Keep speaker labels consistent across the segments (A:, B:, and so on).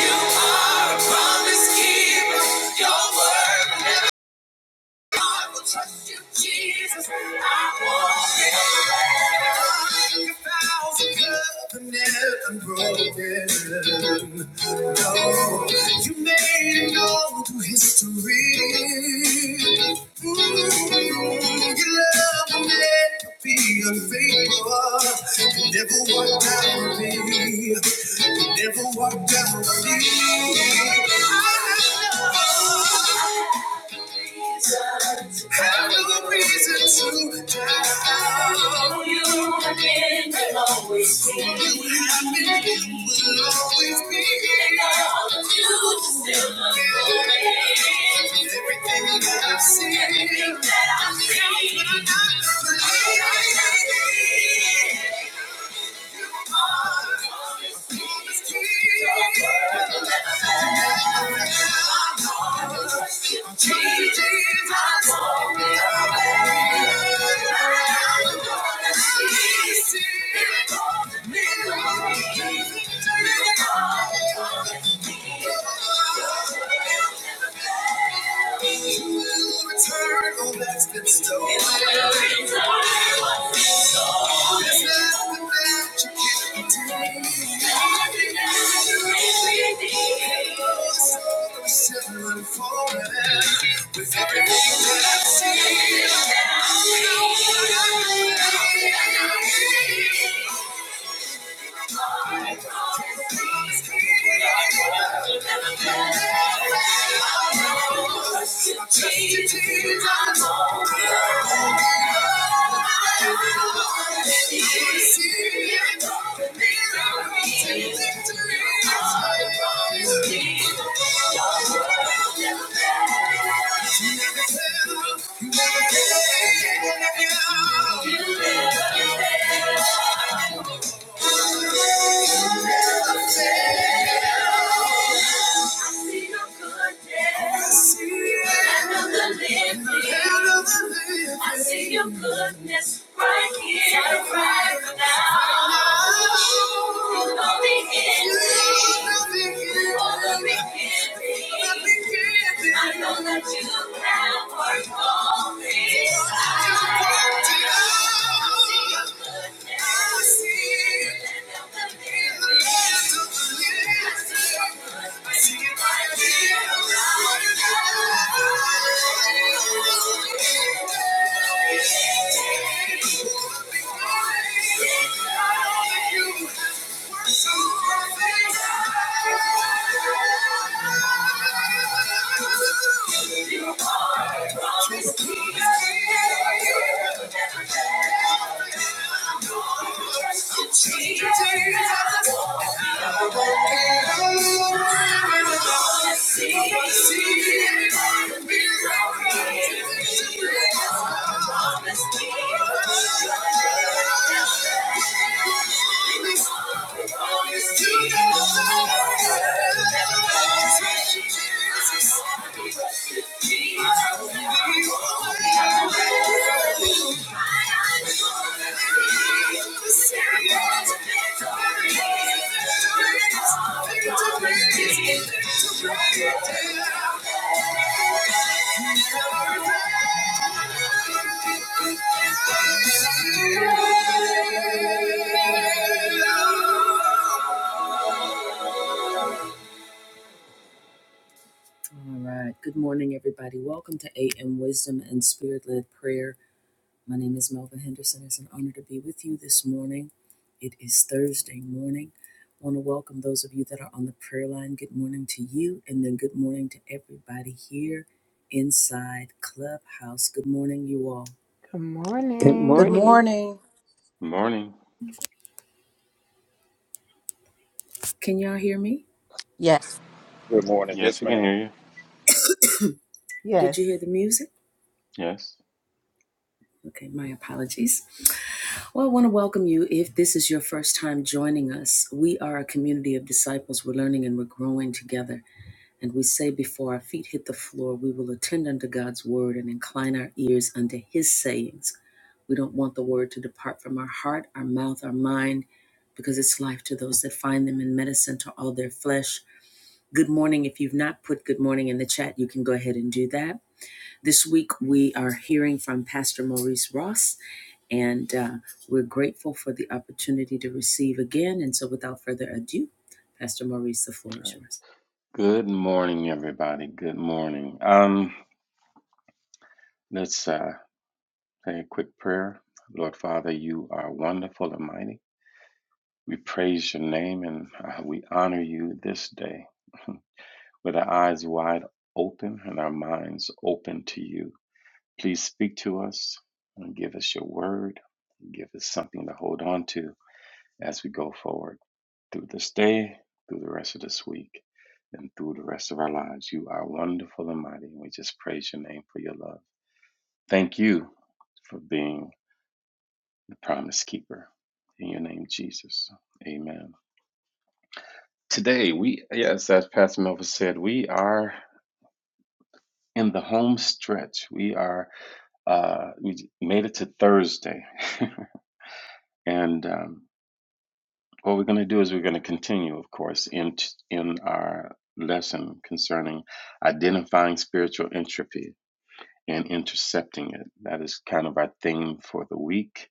A: You are a promise keeper. Your word will trust you, Jesus. I won't be a thousand covenant unbroken. No, you made it all through history. Mm, your love will never be unfaithful. You never walked out with me. You never walked out with me. I know. Have no reason to doubt. You have been, will always be. here. You still love me. Everything that I've seen, everything that I've seen, but I'm not believing. It's true. Never let me down. I'm Turn, oh, that's been stolen. There's nothing that you can't do. Nothing that you can't do. I'm settling for it. With everything that I see, Thank you. never fail. I see your goodness. the living. of the living. I see your goodness right here, right now. You know the end. You know the beginning. You I know that you have worked all things out. I see your goodness. I see it. Land of the living. Jesus. Thank you. All right. Good morning, everybody. Welcome to AM Wisdom and Spirit Led Prayer. My name is Melvin Henderson. It's an honor to be with you this morning. It is Thursday morning. I want to welcome those of you that are on the prayer line. Good morning to you, and then good morning to everybody here inside Clubhouse. Good morning, you all.
B: Good
C: Good
D: Good
B: morning.
C: morning.
D: morning.
E: Morning.
A: Can y'all hear me?
D: Yes.
F: Good morning.
E: Yes,
F: Yes,
E: we can
F: ma'am.
E: hear you.
A: Did
B: Yes,
A: you hear the music?
E: Yes.
A: Okay, my apologies. Well, I want to welcome you. If this is your first time joining us, we are a community of disciples. We're learning and we're growing together. And we say, before our feet hit the floor, we will attend unto God's word and incline our ears unto his sayings. We don't want the word to depart from our heart, our mouth, our mind, because it's life to those that find them and medicine to all their flesh. Good morning. If you've not put good morning in the chat, you can go ahead and do that. This week we are hearing from Pastor Maurice Ross, and uh, we're grateful for the opportunity to receive again. And so, without further ado, Pastor Maurice, the floor is yours.
E: Good morning, everybody. Good morning. Um, let's uh, say a quick prayer. Lord Father, you are wonderful and mighty. We praise your name and uh, we honor you this day with our eyes wide open and our minds open to you. Please speak to us and give us your word. Give us something to hold on to as we go forward. through this day, through the rest of this week, and through the rest of our lives. You are wonderful and mighty, and we just praise your name for your love. Thank you for being the promise keeper. In your name, Jesus. Amen. Today, we, yes, as Pastor Melvin said, we are in the home stretch. We are, uh, we made it to Thursday. and, um, What we're going to do is we're going to continue, of course, in, in our lesson concerning identifying spiritual entropy and intercepting it. That is kind of our theme for the week.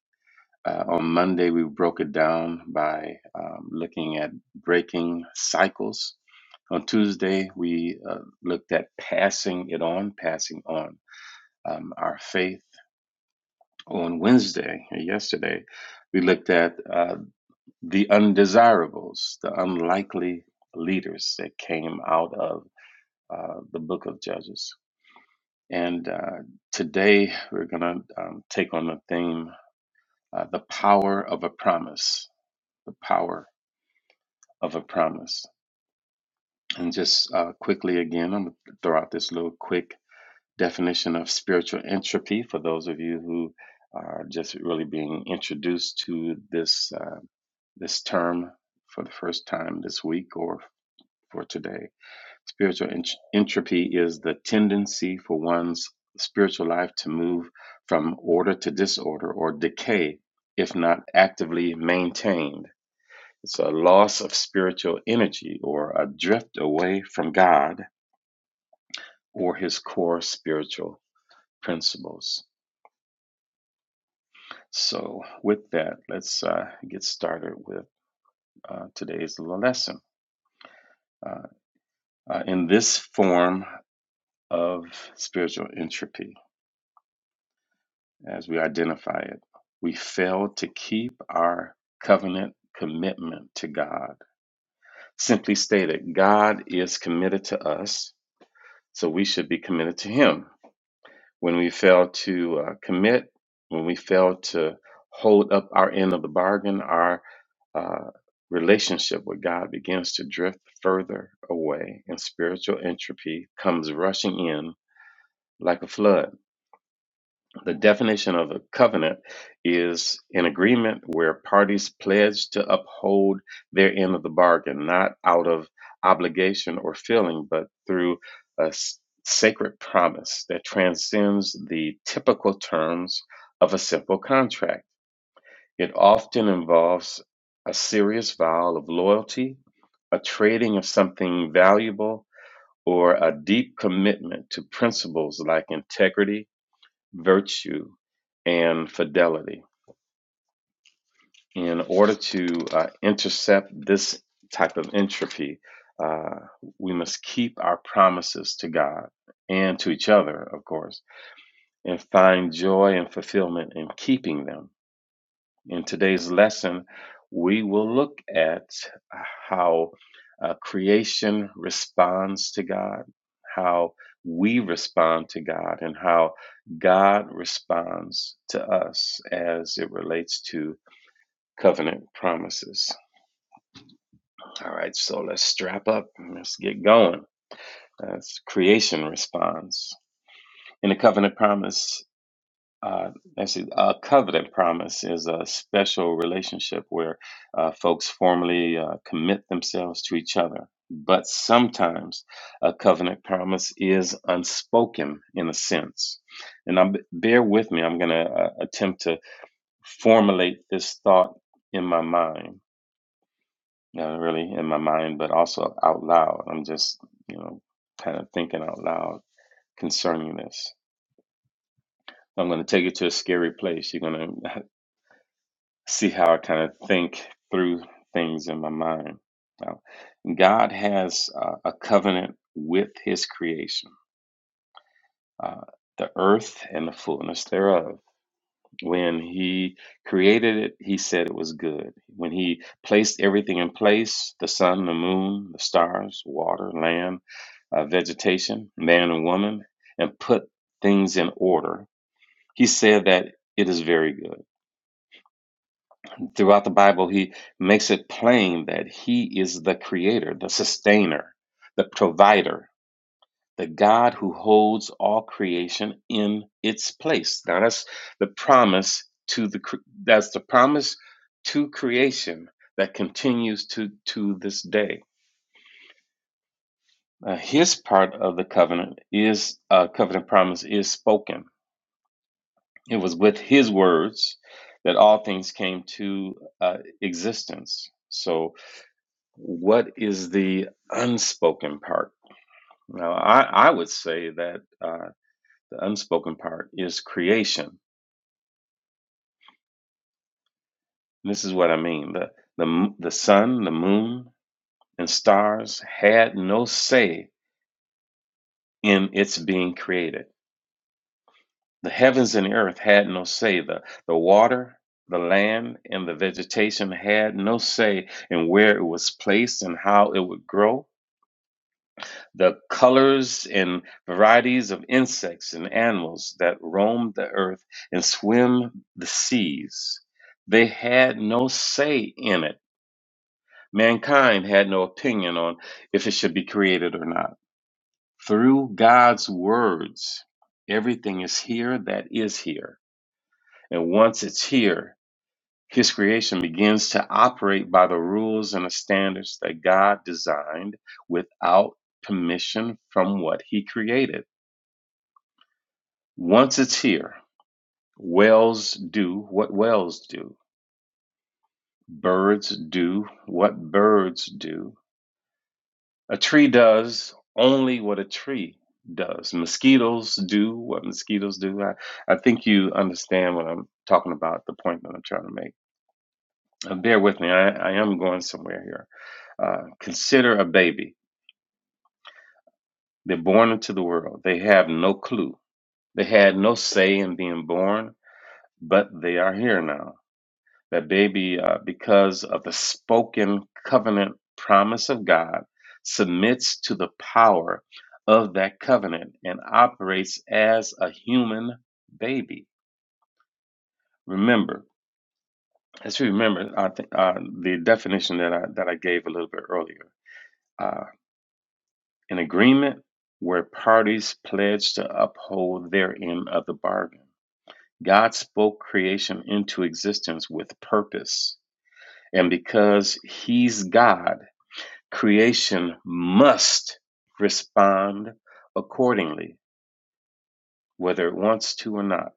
E: Uh, on Monday, we broke it down by um, looking at breaking cycles. On Tuesday, we uh, looked at passing it on, passing on um, our faith. On Wednesday, yesterday, we looked at uh, the undesirables, the unlikely leaders that came out of uh, the book of Judges. And uh, today we're going to um, take on the theme uh, the power of a promise, the power of a promise. And just uh, quickly again, I'm going to throw out this little quick definition of spiritual entropy for those of you who are just really being introduced to this uh, this term for the first time this week or for today. Spiritual ent- entropy is the tendency for one's spiritual life to move from order to disorder or decay if not actively maintained. It's a loss of spiritual energy or a drift away from God or his core spiritual principles. So, with that, let's uh, get started with uh, today's little lesson. Uh, uh, in this form of spiritual entropy, as we identify it. We failed to keep our covenant commitment to God. Simply stated, God is committed to us, so we should be committed to Him. When we fail to uh, commit, when we fail to hold up our end of the bargain, our uh, relationship with God begins to drift further away, and spiritual entropy comes rushing in like a flood. The definition of a covenant is an agreement where parties pledge to uphold their end of the bargain, not out of obligation or feeling, but through a s- sacred promise that transcends the typical terms of a simple contract. It often involves a serious vow of loyalty, a trading of something valuable, or a deep commitment to principles like integrity virtue, and fidelity. In order to uh, intercept this type of entropy, uh, we must keep our promises to God and to each other, of course, and find joy and fulfillment in keeping them In today's lesson, we will look at how uh, creation responds to God, how we respond to God, and how God responds to us as it relates to covenant promises. All right, so let's strap up and let's get going. That's creation response. In the covenant promise Uh, let's see. A covenant promise is a special relationship where uh, folks formally uh, commit themselves to each other. But sometimes a covenant promise is unspoken in a sense. And I'm, bear with me, I'm going to uh, attempt to formulate this thought in my mind, not really in my mind, but also out loud. I'm just, you know, kind of thinking out loud concerning this. I'm going to take you to a scary place. You're going to see how I kind of think through things in my mind. Now, God has uh, a covenant with His creation, uh, the earth and the fullness thereof. When He created it, He said it was good. When He placed everything in place the sun, the moon, the stars, water, land, uh, vegetation, man and woman, and put things in order, He said that it is very good Throughout the Bible, he makes it plain that he is the creator, the sustainer, the provider, the God who holds all creation in its place. Now that's the promise to the that's the promise to creation that continues to to this day. Uh, his part of the covenant is a uh, covenant promise is spoken. It was with his words that all things came to uh, existence. So What is the unspoken part? Now, I, I would say that uh, the unspoken part is creation. This is what I mean. The, the, the sun, the moon, and stars had no say in its being created. The heavens and earth had no say. The, the water, the land, and the vegetation had no say in where it was placed and how it would grow the colors and varieties of insects and animals that roam the earth and swim the seas. They had no say in it. Mankind had no opinion on if it should be created or not. Through God's words, everything is here that is here. And once it's here, His creation begins to operate by the rules and the standards that God designed without permission from what He created Once it's here, whales do what whales do. Birds do what birds do. A tree does only what a tree does. Mosquitoes do what mosquitoes do. I, I think you understand what I'm talking about, the point that I'm trying to make. Uh, bear with me, I, I am going somewhere here. Uh, consider a baby. They're born into the world, they have no clue. They had no say in being born, but they are here now. that baby, uh, because of the spoken covenant promise of God, submits to the power of that covenant and operates as a human baby. Remember, let's remember I think, uh, the definition that I, that I gave a little bit earlier. Uh, an agreement where parties pledge to uphold their end of the bargain. God spoke creation into existence with purpose. And because He's God, Creation must respond accordingly, whether it wants to or not.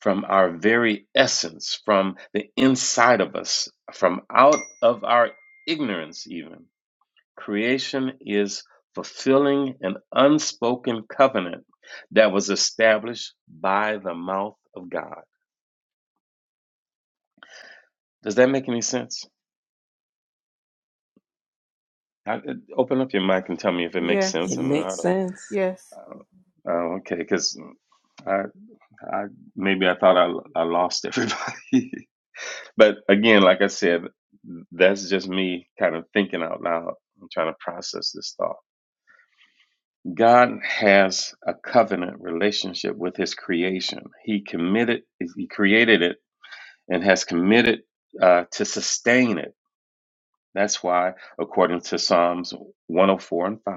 E: From our very essence, from the inside of us, from out of our ignorance, even. Creation is fulfilling an unspoken covenant that was established by the mouth of God. Does that make any sense? I, open up your mic and tell me if it makes sense
C: It
B: yes,
E: and how
C: makes
E: to.
C: sense.
B: yes.
E: Uh, okay, because I. I maybe I thought I I lost everybody, but again, like I said, that's just me kind of thinking out loud. I'm trying to process this thought. God has a covenant relationship with His creation. He committed, He created it, and has committed uh, to sustain it. That's why, according to Psalms 104 and 5,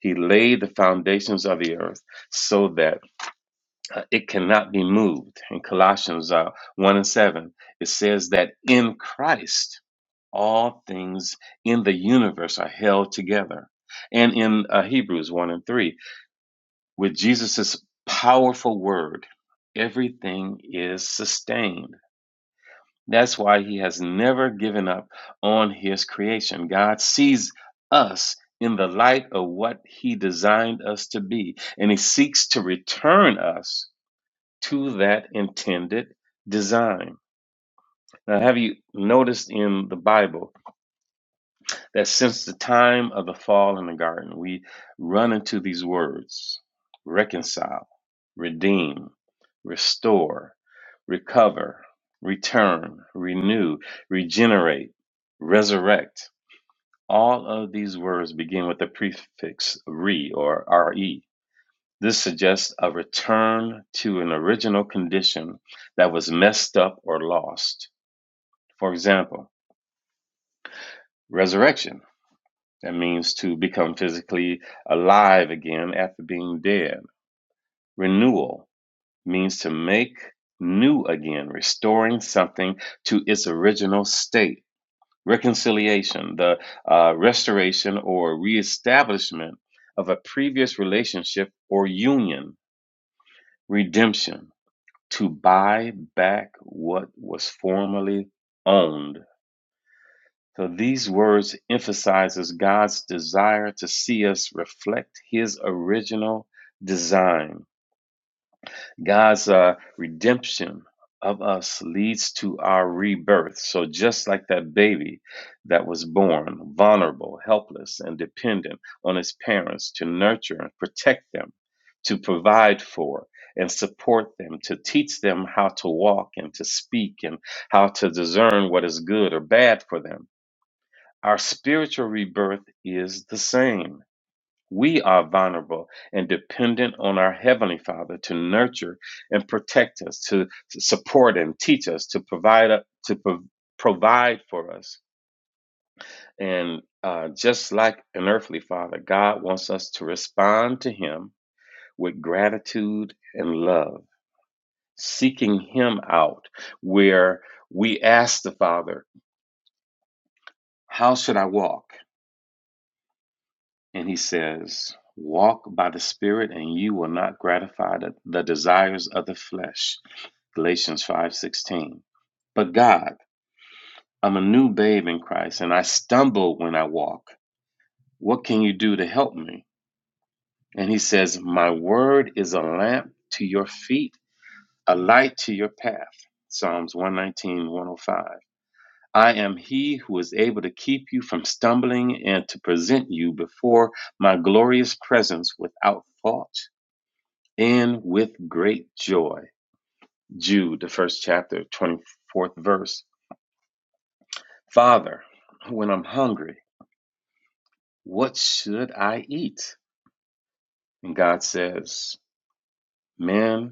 E: He laid the foundations of the earth so that uh, it cannot be moved. In Colossians uh, 1 and 7, it says that in Christ, all things in the universe are held together. And in uh, Hebrews 1 and 3, with Jesus' powerful word, everything is sustained. That's why he has never given up on his creation. God sees us in the light of what he designed us to be, and he seeks to return us to that intended design. Now, have you noticed in the Bible that since the time of the fall in the garden, we run into these words reconcile, redeem, restore, recover, return, renew, regenerate, resurrect? All of these words begin with the prefix re or re. This suggests a return to an original condition that was messed up or lost. For example, resurrection. That means to become physically alive again after being dead. Renewal means to make new again, restoring something to its original state. Reconciliation, the uh, restoration or reestablishment of a previous relationship or union. Redemption to buy back what was formerly owned. So these words emphasizes God's desire to see us reflect his original design. God's uh, redemption of us leads to our rebirth. So, just like that baby that was born vulnerable, helpless, and dependent on his parents to nurture and protect them, to provide for and support them, to teach them how to walk and to speak and how to discern what is good or bad for them. Our spiritual rebirth is the same. We are vulnerable and dependent on our Heavenly Father to nurture and protect us, to, support and teach us, to provide up- to pro- provide for us. And uh, just like an earthly father, God wants us to respond to Him with gratitude and love, seeking Him out, where we ask the Father, "How should I walk? and he says, Walk by the Spirit, and you will not gratify the, the desires of the flesh. Galatians 5:16. But God, I'm a new babe in Christ, and I stumble when I walk. What can you do to help me? And he says, My word is a lamp to your feet, a light to your path. Psalms one nineteen one o five. I am he who is able to keep you from stumbling and to present you before my glorious presence without fault. And with great joy, Jude, the first chapter, 24th verse. Father, when I'm hungry, what should I eat? And God says, Man,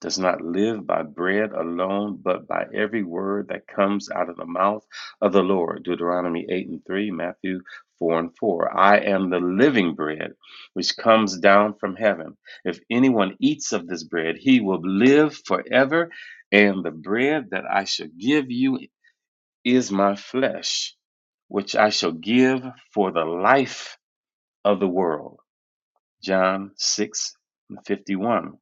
E: does not live by bread alone, but by every word that comes out of the mouth of the Lord. Deuteronomy 8 and 3, Matthew 4 and 4. I am the living bread which comes down from heaven. If anyone eats of this bread, he will live forever, and the bread that I shall give you is my flesh, which I shall give for the life of the world. John 6 and 51.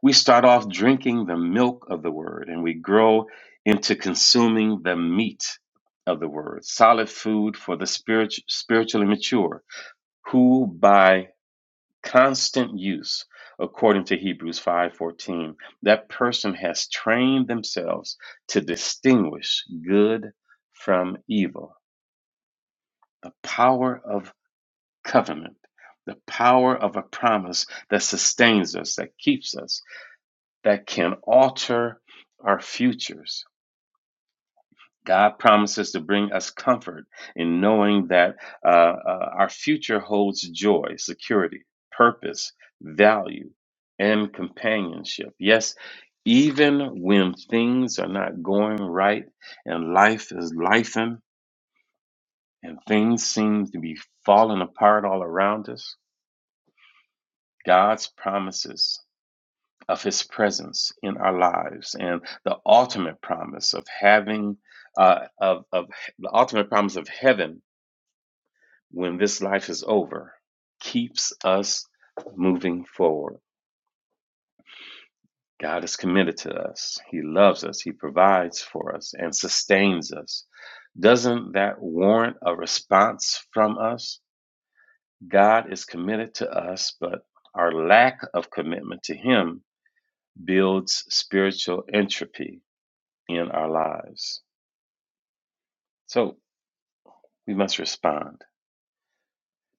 E: We start off drinking the milk of the word and we grow into consuming the meat of the word, solid food for the spirit, spiritually mature, who by constant use, according to Hebrews 5:14, that person has trained themselves to distinguish good from evil. The power of covenant, the power of a promise that sustains us, that keeps us that can alter our futures. God promises to bring us comfort in knowing that uh, uh, our future holds joy, security, purpose, value, and companionship. Yes, even when things are not going right and life is lifing and things seem to be falling apart all around us, God's promises of his presence in our lives and the ultimate promise of having uh, of, of the ultimate promise of heaven when this life is over keeps us moving forward god is committed to us he loves us he provides for us and sustains us doesn't that warrant a response from us god is committed to us but our lack of commitment to him builds spiritual entropy in our lives. So we must respond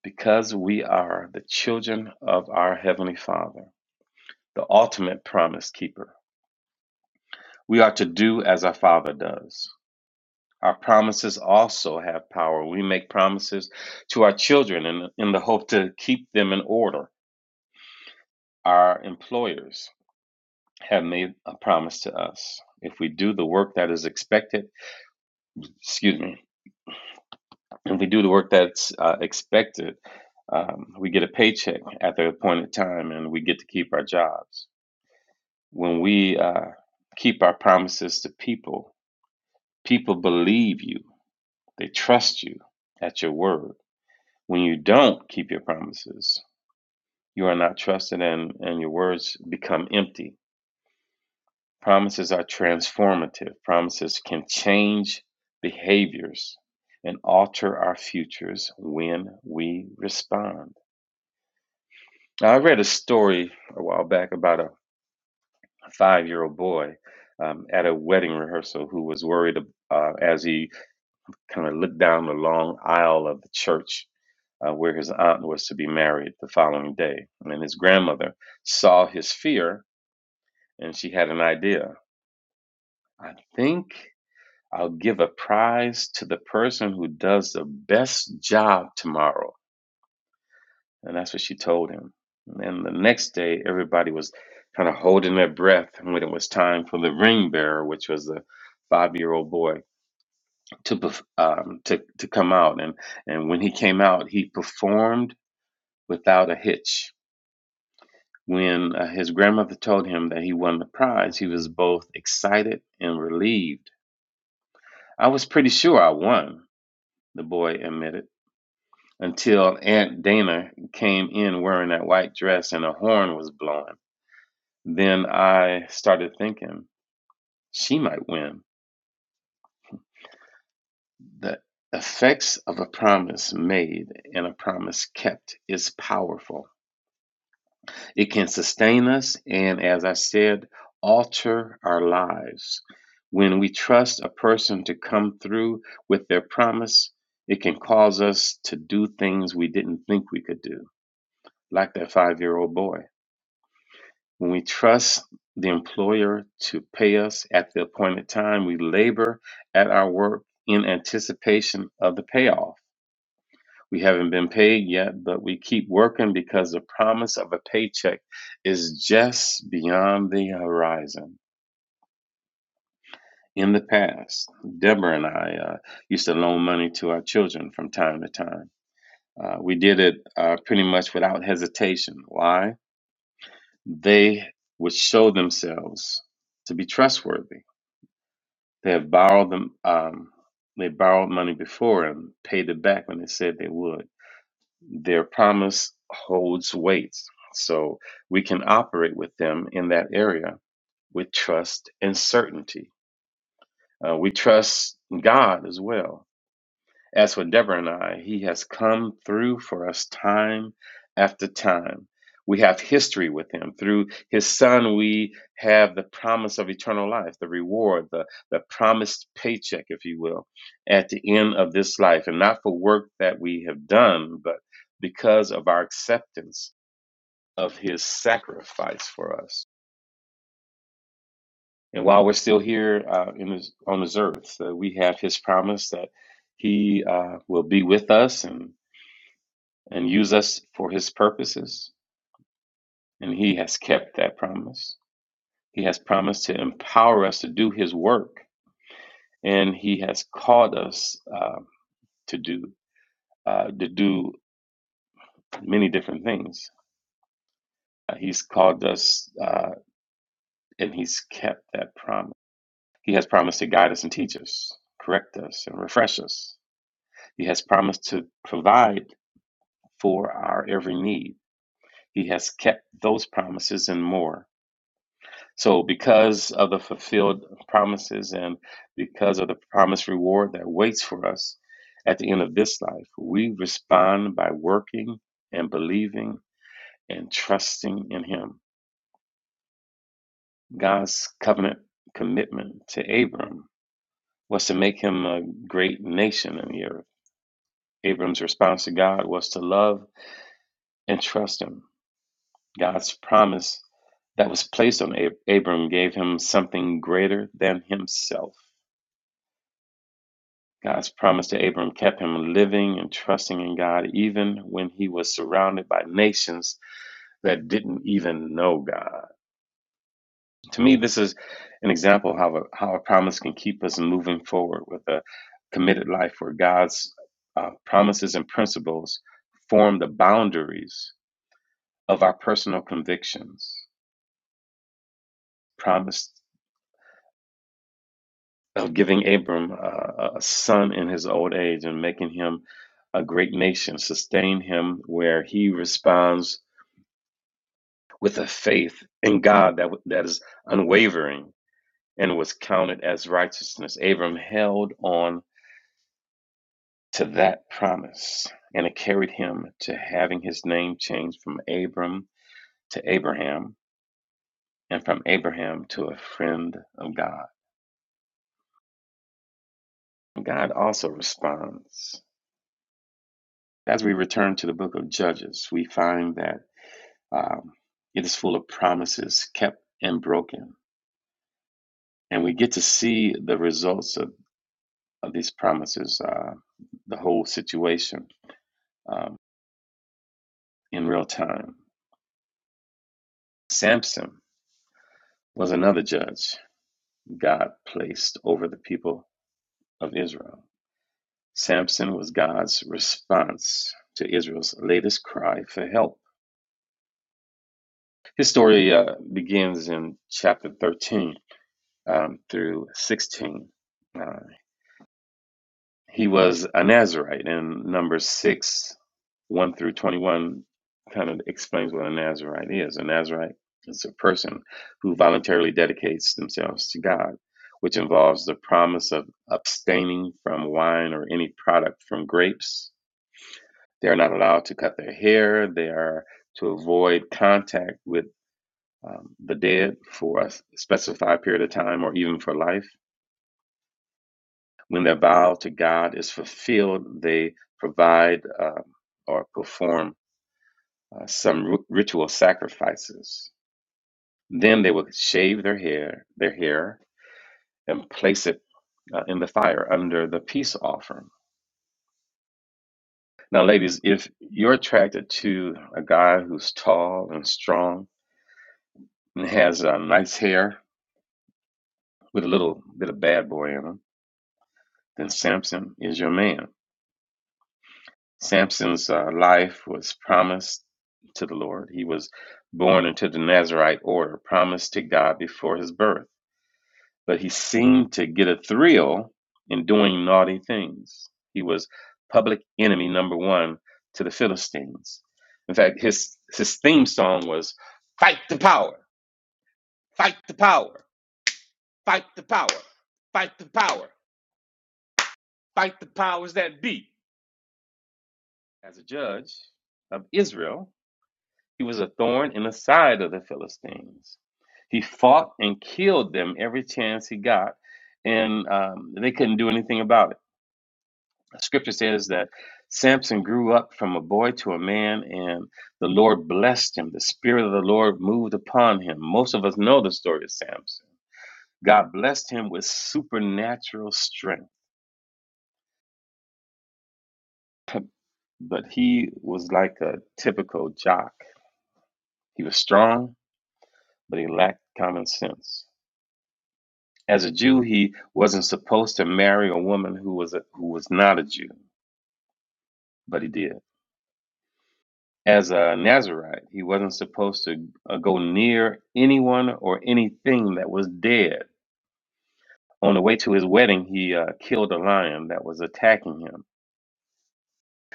E: because we are the children of our Heavenly Father, the ultimate promise keeper. We are to do as our Father does. Our promises also have power. We make promises to our children in, in the hope to keep them in order. Our employers have made a promise to us. If we do the work that is expected, excuse me, if we do the work that's uh, expected, um, we get a paycheck at the appointed time and we get to keep our jobs. When we uh, keep our promises to people, people believe you, they trust you at your word. When you don't keep your promises, you are not trusted and, and your words become empty. Promises are transformative, promises can change behaviors and alter our futures when we respond Now, I read a story a while back about a five-year-old boy um, at a wedding rehearsal who was worried uh, as he kind of looked down the long aisle of the church uh, where his aunt was to be married the following day. And his grandmother saw his fear and she had an idea. I think I'll give a prize to the person who does the best job tomorrow. And that's what she told him. And the next day, everybody was kind of holding their breath when it was time for the ring bearer, which was a five-year-old boy, to perf- um, to to come out. And and when he came out, he performed without a hitch. When uh, his grandmother told him that he won the prize, he was both excited and relieved. I was pretty sure I won, the boy admitted, until Aunt Dana came in wearing that white dress and a horn was blowing. then I started thinking she might win. The effects of a promise made and a promise kept is powerful. It can sustain us and, as I said, alter our lives. When we trust a person to come through with their promise, it can cause us to do things we didn't think we could do, like that five year old boy. When we trust the employer to pay us at the appointed time, we labor at our work in anticipation of the payoff. We haven't been paid yet, but we keep working because the promise of a paycheck is just beyond the horizon. In the past, Deborah and I uh, used to loan money to our children from time to time. Uh, we did it uh, pretty much without hesitation. Why? They would show themselves to be trustworthy They have borrowed them. Um, they borrowed money before and paid it back when they said they would. Their promise holds weight, so we can operate with them in that area with trust and certainty. Uh, we trust God as well as for Deborah and I, he has come through for us time after time. We have history with him. Through his son, we have the promise of eternal life, the reward, the, the promised paycheck, if you will, at the end of this life, and not for work that we have done, but because of our acceptance of his sacrifice for us. And while we're still here uh, in this, on this earth, uh, we have his promise that he uh, will be with us and and use us for his purposes. And he has kept that promise. He has promised to empower us to do his work, and he has called us uh, to do uh, to do many different things. Uh, he's called us, uh, and he's kept that promise. He has promised to guide us and teach us, correct us, and refresh us. He has promised to provide for our every need. He has kept those promises and more. So, because of the fulfilled promises and because of the promised reward that waits for us at the end of this life, we respond by working and believing and trusting in Him. God's covenant commitment to Abram was to make him a great nation in the earth. Abram's response to God was to love and trust Him. God's promise that was placed on Abram gave him something greater than himself God's promise to Abram kept him living and trusting in God even when he was surrounded by nations that didn't even know God. To me, this is an example of how a, how a promise can keep us moving forward with a committed life where God's uh, promises and principles form the boundaries of our personal convictions. Promise of giving Abram uh, a son in his old age and making him a great nation, sustain him where he responds with a faith in God that, that is unwavering and was counted as righteousness. Abram held on to that promise and it carried him to having his name changed from Abram to Abraham and from Abraham to a friend of God. God also responds. As we return to the book of Judges, we find that um, it is full of promises kept and broken. And we get to see the results of. of these promises, uh, the whole situation um, in real time. Samson was another judge God placed over the people of Israel. Samson was God's response to Israel's latest cry for help. His story uh, begins in chapter 13 um, through 16. Uh, he was a Nazarite in number 6 1 through 21 kind of explains what a Nazarite is. A Nazarite is a person who voluntarily dedicates themselves to God, which involves the promise of abstaining from wine or any product from grapes. They are not allowed to cut their hair. They are to avoid contact with um, the dead for a specified period of time or even for life. When their vow to God is fulfilled, they provide uh, or perform uh, some ri- ritual sacrifices. Then they would shave their hair, their hair, and place it uh, in the fire under the peace offering. Now, ladies, if you're attracted to a guy who's tall and strong and has uh, nice hair with a little bit of bad boy in him, then Samson is your man. Samson's uh, life was promised to the Lord. He was born into the Nazarite order, promised to God before his birth. but he seemed to get a thrill in doing naughty things. He was public enemy number one to the Philistines. In fact, his his theme song was "Fight the power, fight the power, fight the power, fight the power, fight the powers that be." As a judge of Israel, he was a thorn in the side of the Philistines. He fought and killed them every chance he got, and um, they couldn't do anything about it. Scripture says that Samson grew up from a boy to a man, and the Lord blessed him. The Spirit of the Lord moved upon him. Most of us know the story of Samson. God blessed him with supernatural strength, but he was like a typical jock. He was strong, but he lacked common sense. As a Jew, he wasn't supposed to marry a woman who was a, who was not a Jew, but he did. As a Nazarite, he wasn't supposed to uh, go near anyone or anything that was dead. On the way to his wedding, he uh, killed a lion that was attacking him.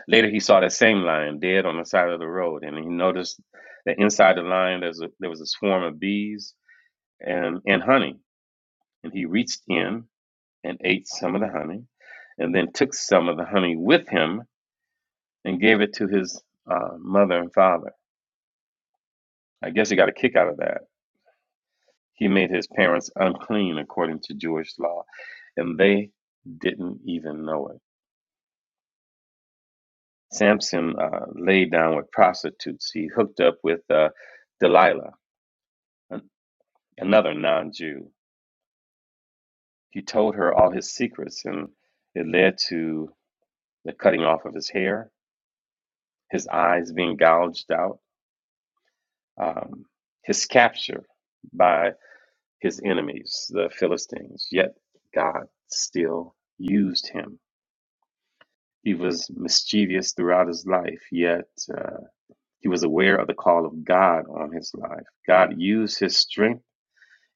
E: Later, he saw that same lion dead on the side of the road, and he noticed that inside the lion there's a, there was a swarm of bees and, and honey. And he reached in and ate some of the honey, and then took some of the honey with him and gave it to his uh, mother and father. I guess he got a kick out of that He made his parents unclean according to Jewish law, and they didn't even know it. Samson uh, laid down with prostitutes. He hooked up with uh, Delilah, an- another non Jew. He told her all his secrets, and it led to the cutting off of his hair, his eyes being gouged out, um, his capture by his enemies, the Philistines. Yet God still used him. He was mischievous throughout his life, yet uh, he was aware of the call of God on his life. God used his strength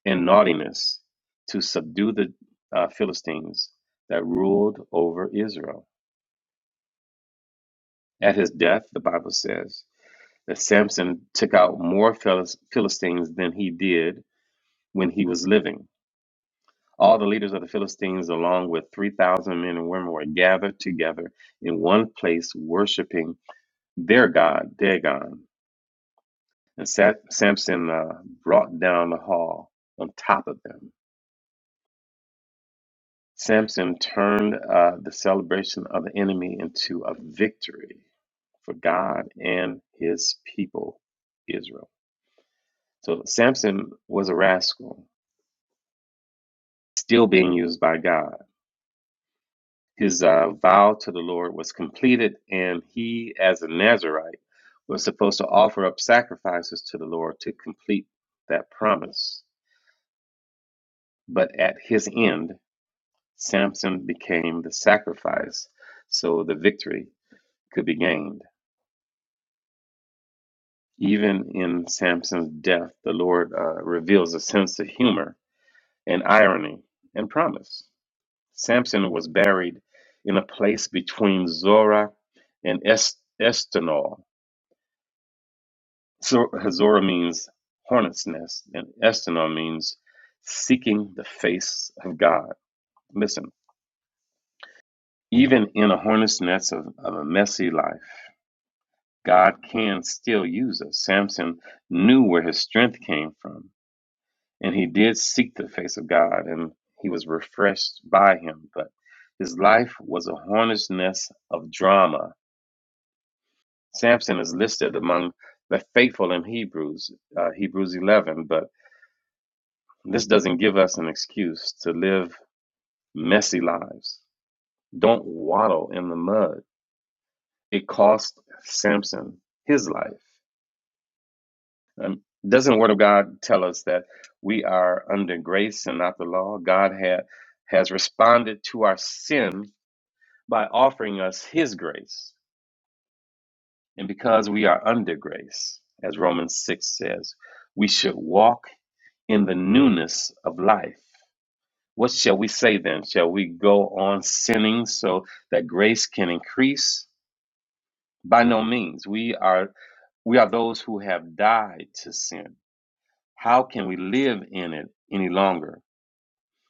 E: and naughtiness to subdue the uh, Philistines that ruled over Israel. At his death, the Bible says that Samson took out more Philis- Philistines than he did when he was living. All the leaders of the Philistines, along with 3,000 men and women, were gathered together in one place, worshiping their God, Dagon. And Sa- Samson uh, brought down the hall on top of them. Samson turned uh, the celebration of the enemy into a victory for God and his people, Israel. So Samson was a rascal, still being used by God. His uh, vow to the Lord was completed, and he, as a Nazarite, was supposed to offer up sacrifices to the Lord to complete that promise. But at his end, Samson became the sacrifice so the victory could be gained. Even in Samson's death, the Lord uh, reveals a sense of humor and irony and promise. Samson was buried in a place between Zorah and es- Estonol. So, Zorah means hornet's nest, and Estonol means seeking the face of God. Listen, even in a hornet's nest of, of a messy life, God can still use us. Samson knew where his strength came from, and he did seek the face of God, and he was refreshed by him. But his life was a hornet's nest of drama. Samson is listed among the faithful in Hebrews, uh, Hebrews 11, but this doesn't give us an excuse to live messy lives. Don't waddle in the mud. It cost Samson his life. Um, doesn't the Word of God tell us that we are under grace and not the law? God ha- has responded to our sin by offering us His grace. And because we are under grace, as Romans 6 says, we should walk in the newness of life. What shall we say then? Shall we go on sinning so that grace can increase? By no means. We are we are those who have died to sin. How can we live in it any longer?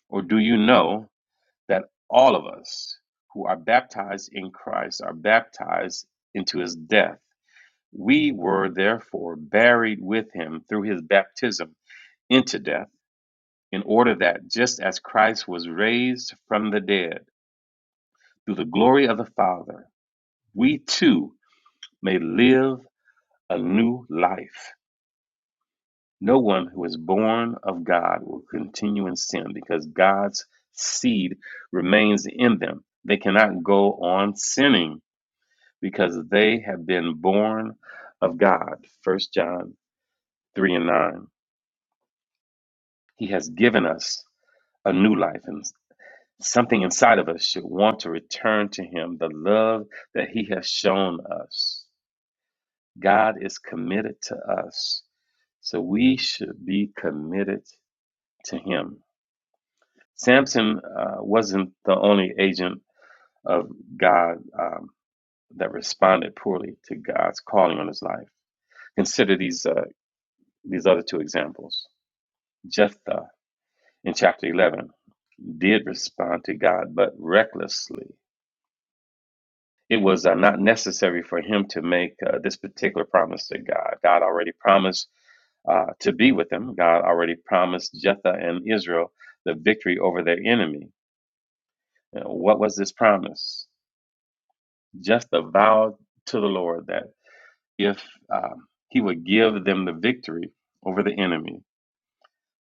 E: Or do you know that all of us who are baptized in Christ are baptized into his death? We were therefore buried with him through his baptism into death, in order that just as Christ was raised from the dead through the glory of the Father, we too may live a new life. No one who is born of God will continue in sin because God's seed remains in them. They cannot go on sinning because they have been born of God. First John 3 and 9. He has given us a new life, and something inside of us should want to return to Him the love that He has shown us. God is committed to us, so we should be committed to Him. Samson uh, wasn't the only agent of God um, that responded poorly to God's calling on his life. Consider these uh, these other two examples. Jephthah in chapter 11 did respond to God, but recklessly. It was uh, not necessary for him to make uh, this particular promise to God. God already promised uh, to be with them. God already promised Jephthah and Israel the victory over their enemy. You know, what was this promise? just a vow to the Lord that if um, he would give them the victory over the enemy,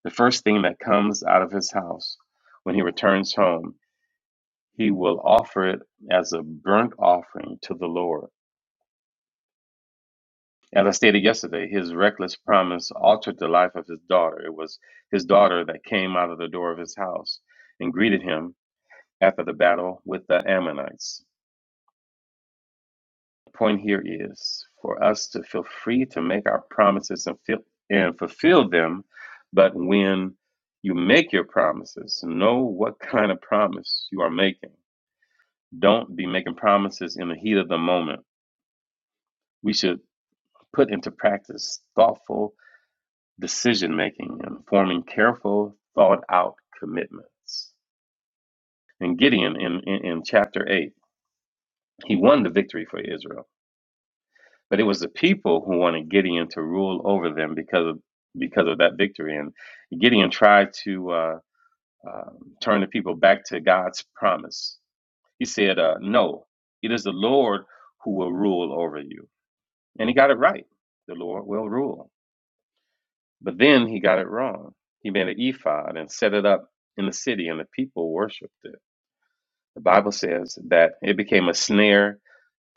E: the first thing that comes out of his house when he returns home, he will offer it as a burnt offering to the Lord. As I stated yesterday, his reckless promise altered the life of his daughter. It was his daughter that came out of the door of his house and greeted him after the battle with the Ammonites. point here is for us to feel free to make our promises and feel, and fulfill them. But when you make your promises, know what kind of promise you are making. Don't be making promises in the heat of the moment. We should put into practice thoughtful decision making and forming careful, thought out commitments. And Gideon in, in, in chapter 8, he won the victory for Israel But it was the people who wanted Gideon to rule over them because of because of that victory. And Gideon tried to uh, uh, turn the people back to God's promise. He said, uh, "No, it is the Lord who will rule over you." And he got it right. The Lord will rule. But then he got it wrong. He made an ephod and set it up in the city, and the people worshipped it. The Bible says that it became a snare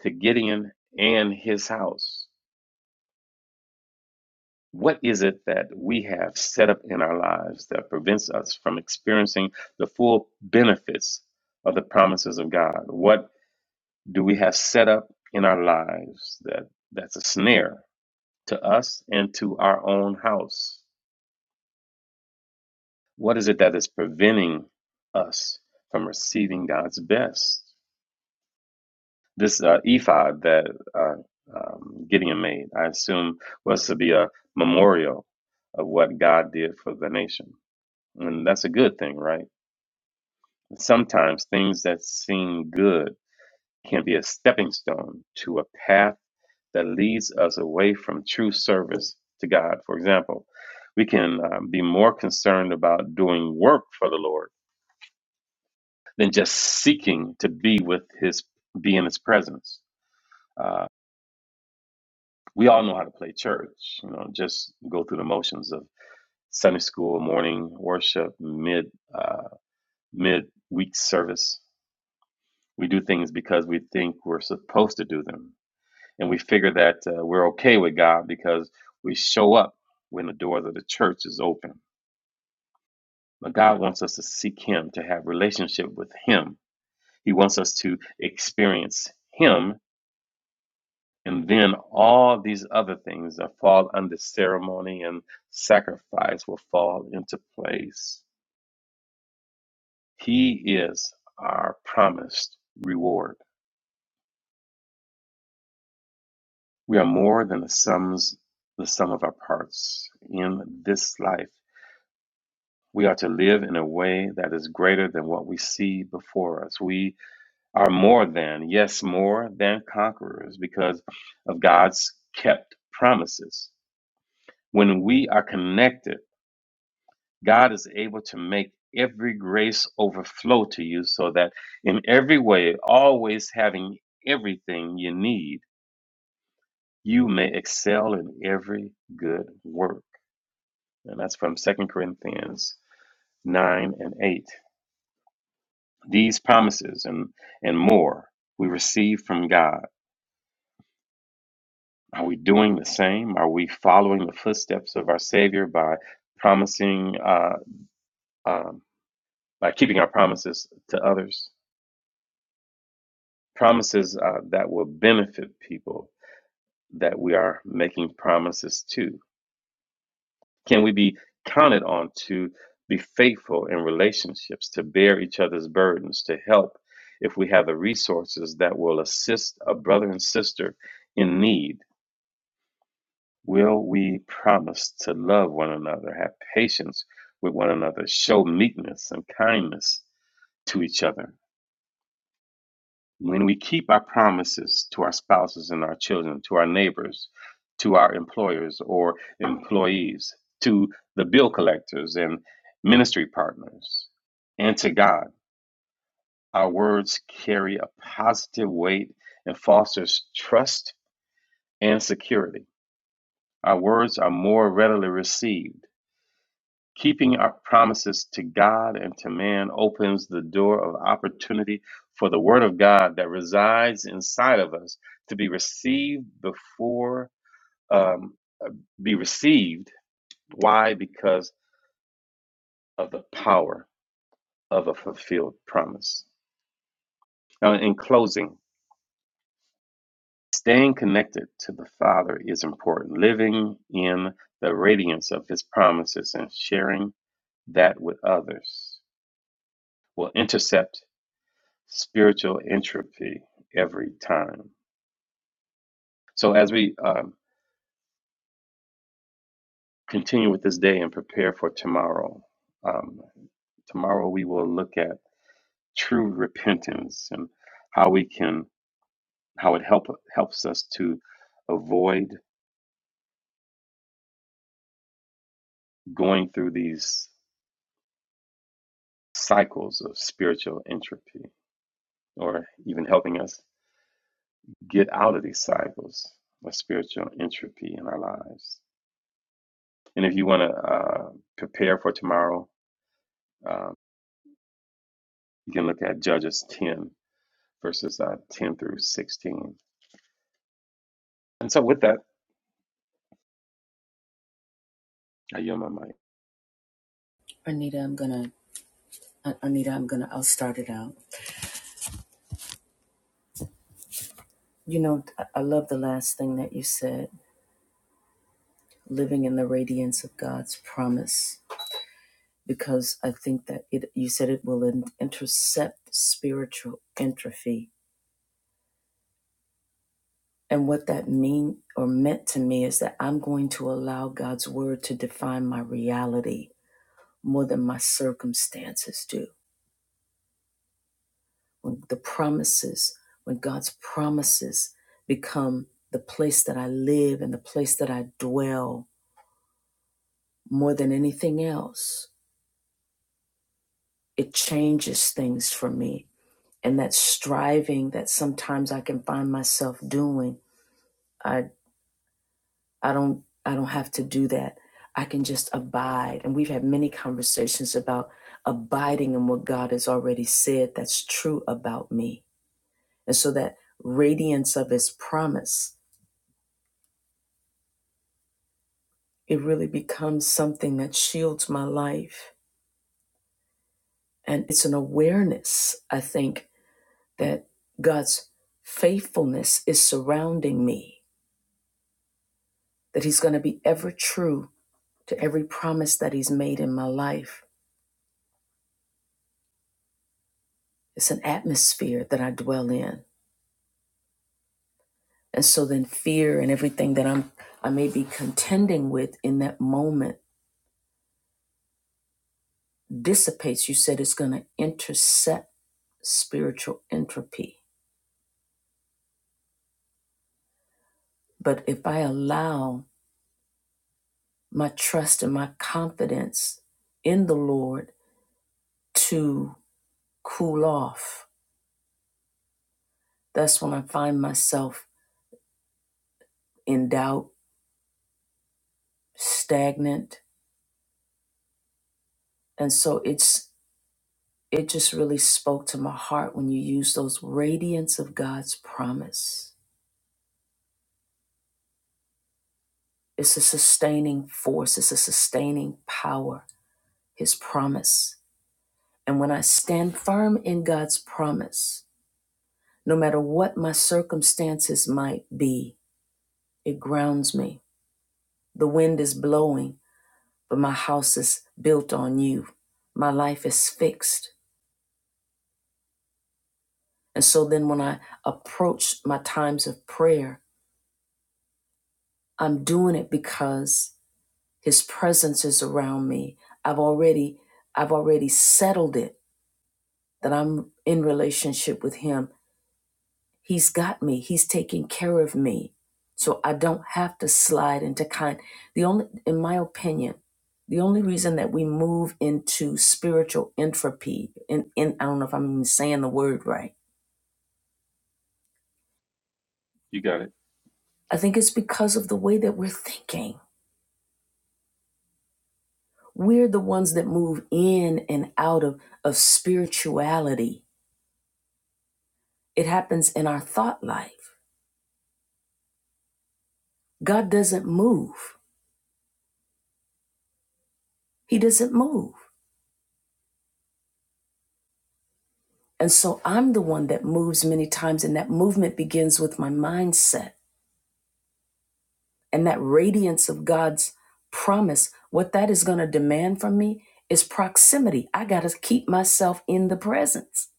E: to Gideon and his house. What is it that we have set up in our lives that prevents us from experiencing the full benefits of the promises of God? What do we have set up in our lives that that's a snare to us and to our own house? What is it that is preventing us from receiving God's best? This uh, ephod that uh, um, Gideon made, I assume, was to be a memorial of what God did for the nation And that's a good thing, right? Sometimes things that seem good can be a stepping stone to a path that leads us away from true service to God. For example, we can uh, be more concerned about doing work for the Lord than just seeking to be with His, be in His presence. Uh, we all know how to play church, you know, just go through the motions of Sunday school, morning worship, mid uh, mid week service, We do things because we think we're supposed to do them. And we figure that uh, we're okay with God because we show up when the doors of the church is open. But God wants us to seek him, to have relationship with him. He wants us to experience him and then all these other things that fall under ceremony and sacrifice will fall into place. He is our promised reward. We are more than the sums the sum of our parts in this life. We are to live in a way that is greater than what we see before us. We are more than, yes, more than conquerors because of God's kept promises. When we are connected, God is able to make every grace overflow to you so that in every way, always having everything you need, you may excel in every good work. and that's from Second Corinthians 9 and 8. These promises and, and more we receive from God. Are we doing the same? Are we following the footsteps of our Savior by promising, uh, um, by keeping our promises to others? Promises uh, that will benefit people that we are making promises to. Can we be counted on to be faithful in relationships, to bear each other's burdens, to help if we have the resources that will assist a brother and sister in need? Will we promise to love one another, have patience with one another, show meekness and kindness to each other? When we keep our promises to our spouses and our children, to our neighbors, to our employers or employees, to the bill collectors and ministry partners, and to God, our words carry a positive weight and fosters trust and security. Our words are more readily received Keeping our promises to God and to man opens the door of opportunity for the Word of God that resides inside of us to be received before, um, uh, be received. Why? Because of the power of a fulfilled promise. Now, in closing, staying connected to the Father is important. Living in the radiance of His promises and sharing that with others will intercept spiritual entropy every time. So as we um, continue with this day and prepare for tomorrow, um, tomorrow we will look at true repentance and how we can how it help helps us to avoid going through these cycles of spiritual entropy, or even helping us get out of these cycles of spiritual entropy in our lives. And if you want to uh, prepare for tomorrow, uh, You can look at Judges 10, verses uh, 10 through 16. And so, with that, I yield my mic.
A: Anita, I'm gonna, uh, Anita, I'm gonna, I'll start it out. You know, I love the last thing that you said, living in the radiance of God's promise, because I think that it, you said it will intercept spiritual entropy And what that mean or meant to me is that I'm going to allow God's word to define my reality more than my circumstances do. When the promises, when God's promises become the place that I live and the place that I dwell more than anything else, it changes things for me. And that striving that sometimes I can find myself doing I. I don't I don't have to do that. I can just abide. And we've had many conversations about abiding in what God has already said that's true about me. And so that radiance of his promise, it really becomes something that shields my life. And it's an awareness, I think, that God's faithfulness is surrounding me, that he's going to be ever true to every promise that he's made in my life. It's an atmosphere that I dwell in And so then fear and everything that I'm I may be contending with in that moment dissipates. You said it's going to intercept spiritual entropy. But if I allow my trust and my confidence in the Lord to cool off, that's when I find myself in doubt, stagnant. And so it's it just really spoke to my heart when you use those radiance of God's promise It's a sustaining force, it's a sustaining power, His promise. And when I stand firm in God's promise, no matter what my circumstances might be, it grounds me. The wind is blowing, but my house is built on you. My life is fixed. And so then when I approach my times of prayer, I'm doing it because his presence is around me. I've already I've already settled it that I'm in relationship with him. He's got me. He's taking care of me. So I don't have to slide into kind. The only in my opinion, the only reason that we move into spiritual entropy, and, and I don't know if I'm even saying the word right,
E: You got it.
A: I think it's because of the way that we're thinking. We're the ones that move in and out of, of spirituality. It happens in our thought life. God doesn't move. He doesn't move. And so I'm the one that moves many times, and that movement begins with my mindset and that radiance of God's promise. What that is going to demand from me is proximity. I got to keep myself in the presence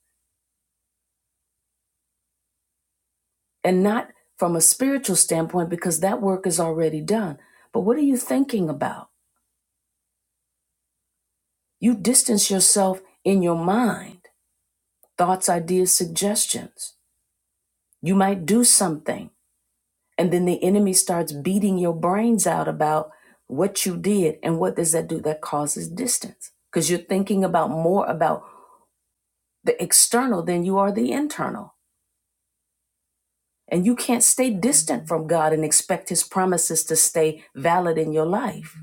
A: and not from a spiritual standpoint because that work is already done. But what are you thinking about? You distance yourself in your mind, thoughts, ideas, suggestions. You might do something And then the enemy starts beating your brains out about what you did. And what does that do? That causes distance because you're thinking about more about the external than you are the internal. And you can't stay distant from God and expect his promises to stay valid in your life.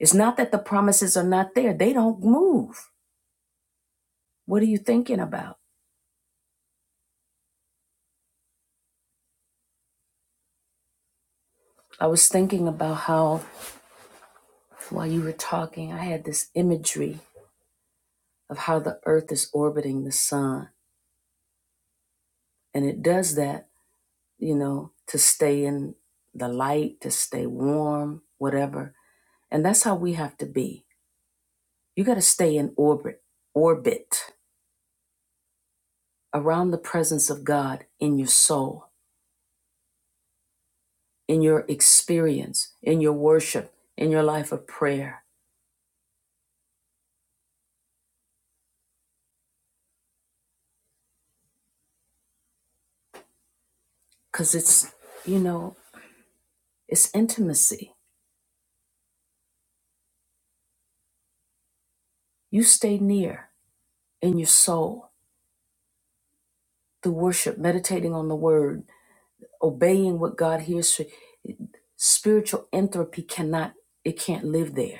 A: It's not that the promises are not there, they don't move. What are you thinking about? I was thinking about how, while you were talking, I had this imagery of how the earth is orbiting the sun. And it does that you know, to stay in the light, to stay warm, whatever. And that's how we have to be. You got to stay in orbit, orbit around the presence of God in your soul, in your experience, in your worship, in your life of prayer. Because it's, you know, it's intimacy. You stay near in your soul through worship, meditating on the word, obeying what God hears. Spiritual entropy cannot, it can't live there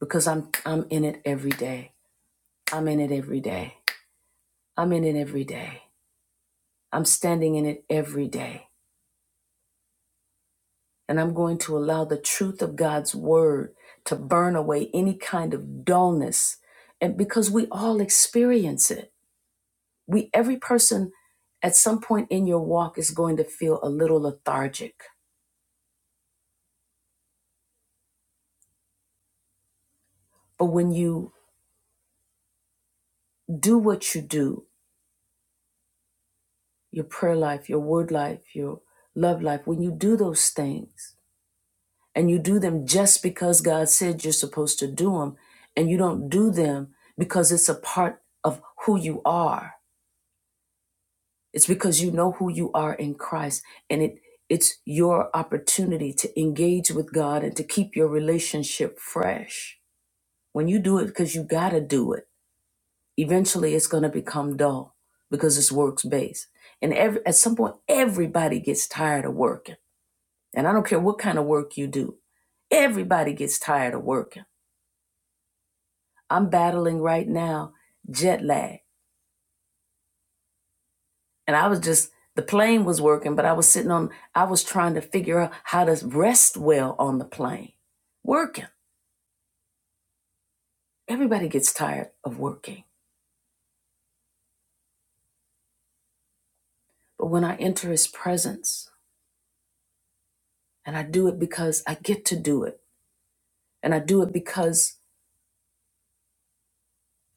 A: because I'm I'm in it every day. I'm in it every day. I'm in it every day. I'm standing in it every day. And I'm going to allow the truth of God's word to burn away any kind of dullness. And because we all experience it. We every person at some point in your walk is going to feel a little lethargic. But when you do what you do, your prayer life, your word life, your love life, when you do those things, and you do them just because God said you're supposed to do them, and you don't do them because it's a part of who you are. It's because you know who you are in Christ, and it it's your opportunity to engage with God and to keep your relationship fresh. When you do it because you got to do it, eventually it's going to become dull because it's works based. And every, at some point, everybody gets tired of working. And I don't care what kind of work you do, everybody gets tired of working I'm battling right now jet lag. And I was just, the plane was working, but I was sitting on, I was trying to figure out how to rest well on the plane. Working. Everybody gets tired of working. But when I enter his presence, and I do it because I get to do it, and I do it because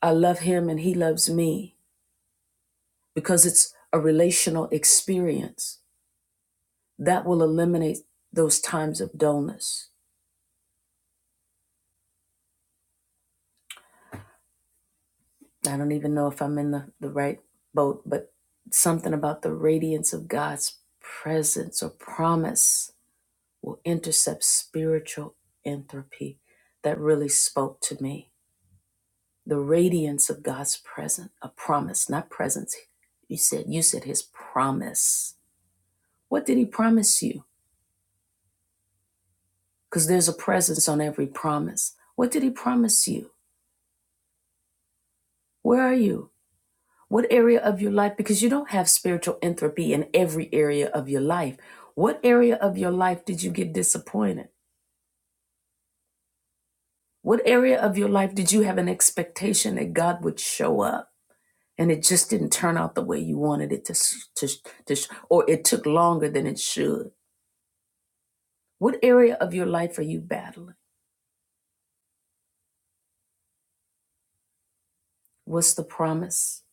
A: I love him and he loves me, because it's a relational experience that will eliminate those times of dullness I don't even know if I'm in the, the right boat, but something about the radiance of God's presence or promise will intercept spiritual entropy that really spoke to me. The radiance of God's presence, a promise, not presence. You said, you said his promise. What did he promise you? Because there's a presence on every promise. What did he promise you? Where are you? What area of your life, because you don't have spiritual entropy in every area of your life, what area of your life did you get disappointed? What area of your life did you have an expectation that God would show up? And it just didn't turn out the way you wanted it to, to, to or it took longer than it should. What area of your life are you battling? What's the promise?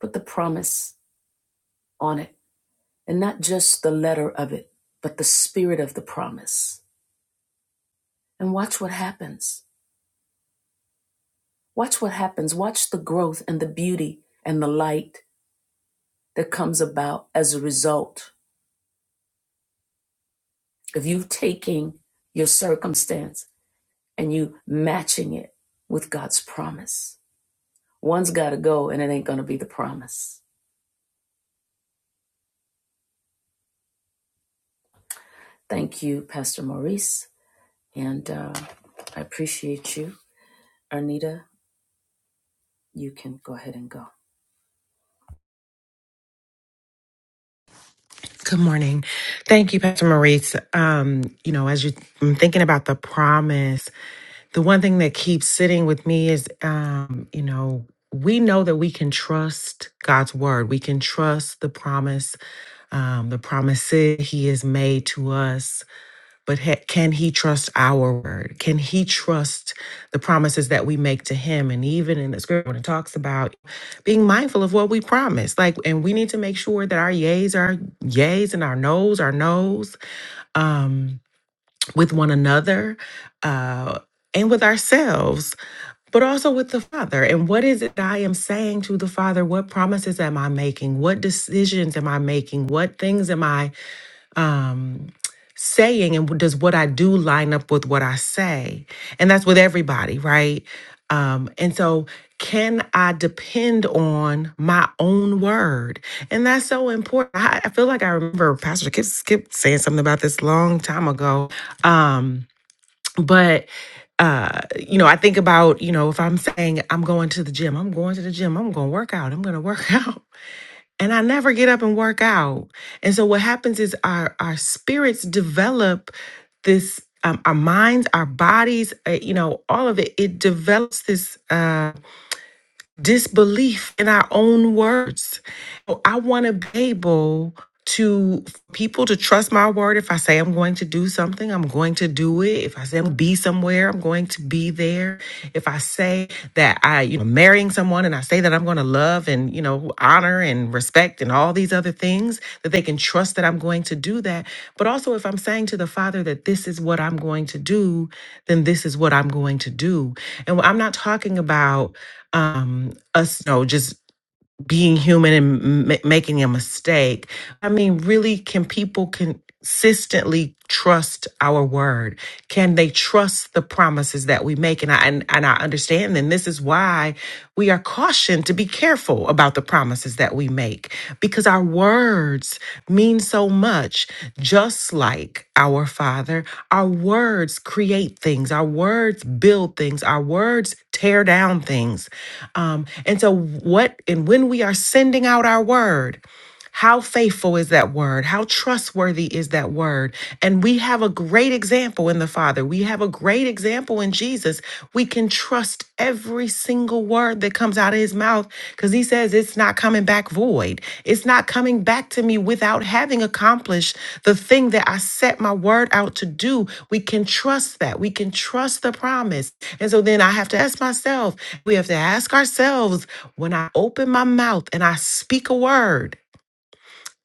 A: Put the promise on it. And not just the letter of it, but the spirit of the promise. And watch what happens Watch what happens. Watch the growth and the beauty and the light that comes about as a result of you taking your circumstance and you matching it with God's promise. One's got to go, and it ain't going to be the promise. Thank you, Pastor Maurice. And uh, I appreciate you. Arnita, you can go ahead and go.
G: Good morning. Thank you, Pastor Maurice. Um, you know, as you, I'm thinking about the promise, the one thing that keeps sitting with me is, um, you know, we know that we can trust God's word. We can trust the promise, um, the promises He has made to us but ha- can he trust our word? Can he trust the promises that we make to him? And even in the scripture, when it talks about being mindful of what we promise, like, and we need to make sure that our yays are yays and our nos are nos um, with one another uh, and with ourselves, but also with the Father. And what is it that I am saying to the Father? What promises am I making? What decisions am I making? What things am I? um, saying and does what I do line up with what I say? And that's with everybody, right? Um, and so, can I depend on my own word? And that's so important. I, I feel like I remember Pastor Kip, Skip saying something about this long time ago. Um, but uh, you know, I think about, you know, if I'm saying I'm going to the gym, I'm going to the gym, I'm going to work out, I'm going to work out and I never get up and work out. And so what happens is our our spirits develop this um, our minds, our bodies, uh, you know, all of it. It develops this uh, disbelief in our own words. So I want to be able to for people to trust my word. If I say I'm going to do something, I'm going to do it. If I say I'm going to be somewhere, I'm going to be there. If I say that I, you know, I'm marrying someone and I say that I'm going to love and, you know, honor and respect and all these other things, that they can trust that I'm going to do that. But also if I'm saying to the Father that this is what I'm going to do, then this is what I'm going to do. And I'm not talking about um us, you know, just being human and m- making a mistake. I mean, really, can people consistently trust our word? Can they trust the promises that we make? And I and, and I understand, and this is why we are cautioned to be careful about the promises that we we make because our words mean so much. Just like our Father, our words create things, our words build things, our words tear down things. Um, and so, what and when we are sending out our word, how faithful is that word? How trustworthy is that word? And we have a great example in the Father. We have a great example in Jesus. We can trust every single word that comes out of his mouth because he says it's not coming back void. It's not coming back to me without having accomplished the thing that I set my word out to do. We can trust that. We can trust the promise. And so then I have to ask myself, we have to ask ourselves when I open my mouth and I speak a word.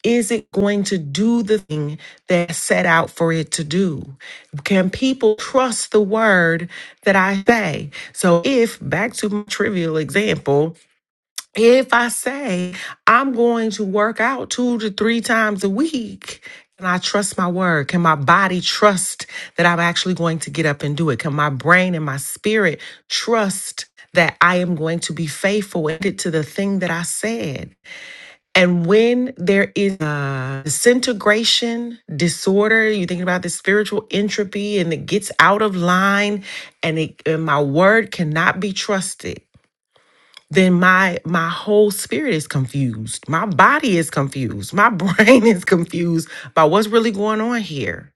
G: Is it going to do the thing that I set out for it to do? Can people trust the word that I say? So, if back to my trivial example, if I say I'm going to work out two to three times a week, can I trust my word? Can my body trust that I'm actually going to get up and do it? Can my brain and my spirit trust that I am going to be faithful and get to the thing that I said? And when there is uh, disintegration disorder, you're thinking about the spiritual entropy and it gets out of line and, it, and my word cannot be trusted, then my my whole spirit is confused. My body is confused. My brain is confused by what's really going on here.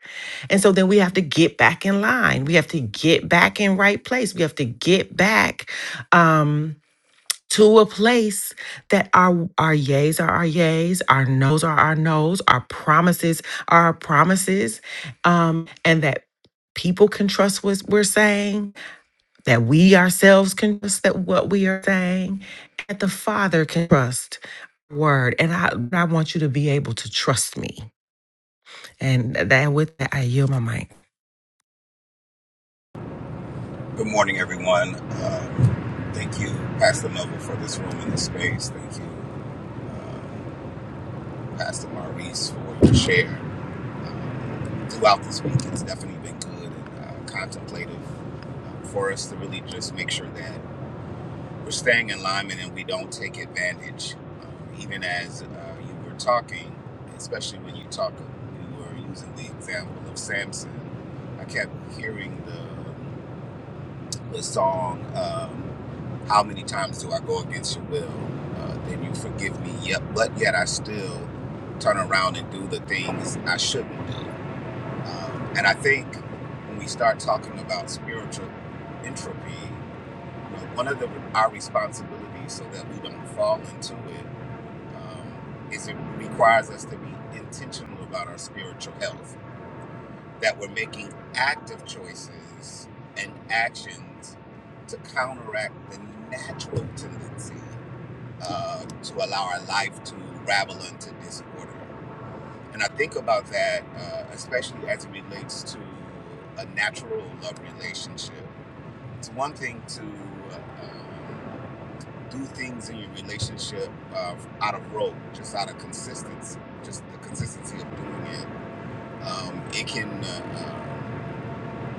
G: And so then we have to get back in line. We have to get back in right place. We have to get back. Um, to a place that our our yays are our yays, our nos are our nos, our promises are our promises, um, and that people can trust what we're saying, that we ourselves can trust that what we are saying, that the Father can trust our word. And I I want you to be able to trust me. And that with that I yield my mic.
H: Good morning, everyone. Um, thank you, Pastor Noble, for this room and this space. Thank you, Pastor Maurice, for your share. Um, throughout this week, it's definitely been good and uh, contemplative um, for us to really just make sure that we're staying in alignment and we don't take advantage. Um, even as uh, you were talking, especially when you talk, you were using the example of Samson. I kept hearing the song um, "How many times do I go against your will?" Uh, then you forgive me. Yep, but yet I still turn around and do the things I shouldn't do. Um, and I think when we start talking about spiritual entropy, you know, one of the our responsibilities so that we don't fall into it um, is it requires us to be intentional about our spiritual health that we're making active choices and actions to counteract the natural tendency uh, to allow our life to ravel into disorder. And I think about that, uh, especially as it relates to a natural love relationship. It's one thing to um, do things in your relationship uh, out of rope, just out of consistency, just the consistency of doing it. Um, it can uh,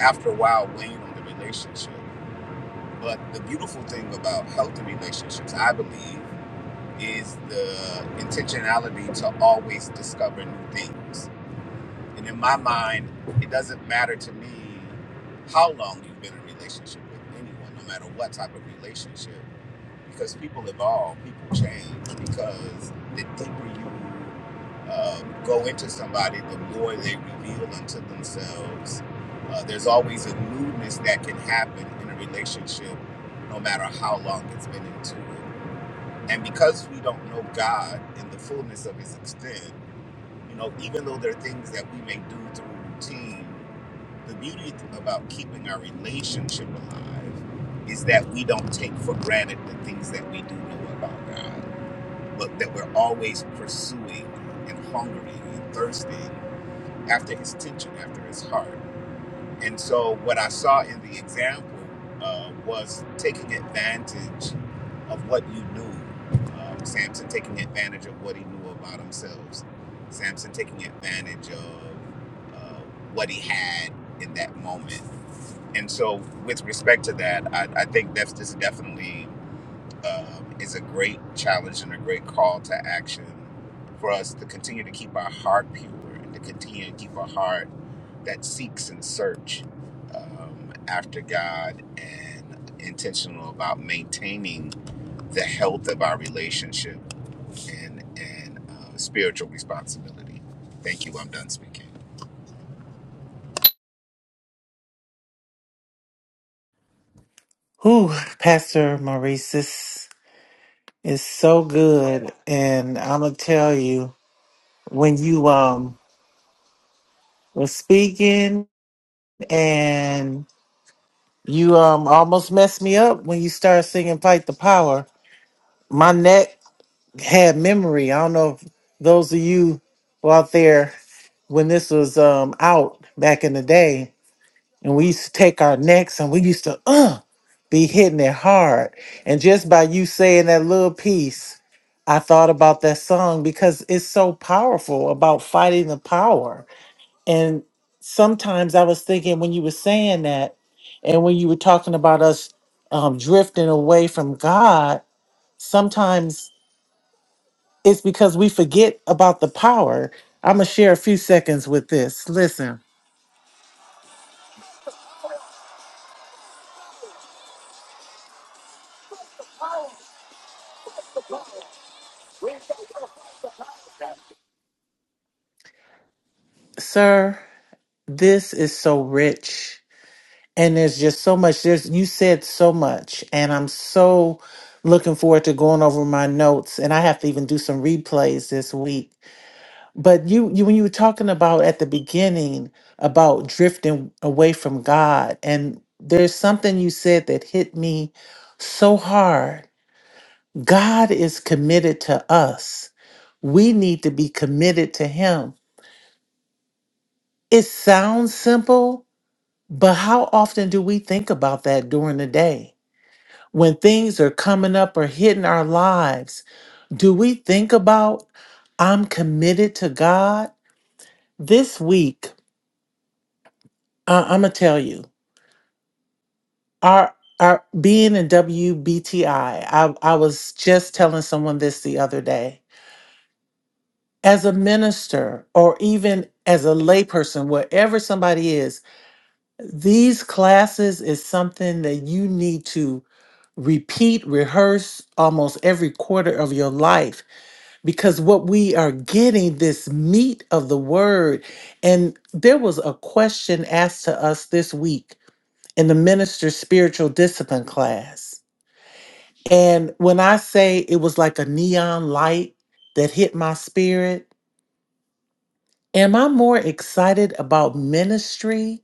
H: after a while weighing on the relationship. But the beautiful thing about healthy relationships, I believe, is the intentionality to always discover new things. And in my mind, it doesn't matter to me how long you've been in a relationship with anyone, no matter what type of relationship because people evolve, people change. Because the deeper you uh, go into somebody, the more they reveal unto themselves. Uh, there's always a newness that can happen in a relationship, no matter how long it's been into it. And because we don't know God in the fullness of His extent, you know, even though there are things that we may do through routine the beauty about keeping our relationship alive is that we don't take for granted the things that we do know about God, but that we're always pursuing and hungering and thirsting after His tension, after His heart. And so, what I saw in the example uh, was taking advantage of what you knew. Um, Samson taking advantage of what he knew about himself. Samson taking advantage of uh, what he had in that moment and so, with respect to that, I, I think that's just definitely um, is a great challenge and a great call to action for us to continue to keep our heart pure and to continue to keep a heart that seeks and search um, after God and intentional about maintaining the health of our relationship and and uh, spiritual responsibility. Thank you. I'm done speaking.
I: Whew, Pastor Maurice, this is so good. And I'm going to tell you, when you um were speaking and you um almost messed me up when you started singing Fight the Power, my neck had memory. I don't know if those of you who out there when this was um out back in the day. and we used to take our necks and we used to uh be hitting it hard. And just by you saying that little piece, I thought about that song because it's so powerful about fighting the power. And sometimes I was thinking when you were saying that, and when you were talking about us um, drifting away from God, sometimes it's because we forget about the power. I'm going to share a few seconds with this. Listen, sir, this is so rich and there's just so much there's you said so much and i'm so looking forward to going over my notes and i have to even do some replays this week but you, you when you were talking about at the beginning about drifting away from god and there's something you said that hit me so hard god is committed to us we need to be committed to him it sounds simple but how often do we think about that during the day When things are coming up or hitting our lives, do we think about, I'm committed to God? This week, uh, I'm going to tell you, our, our being in WBTI, I, I I was just telling someone this the other day. As a minister or even as a layperson, wherever somebody is, these classes is something that you need to repeat, rehearse almost every quarter of your life because what we are getting this meat of the word and there was a question asked to us this week in the minister's spiritual discipline class and when i say it was like a neon light that hit my spirit am i more excited about ministry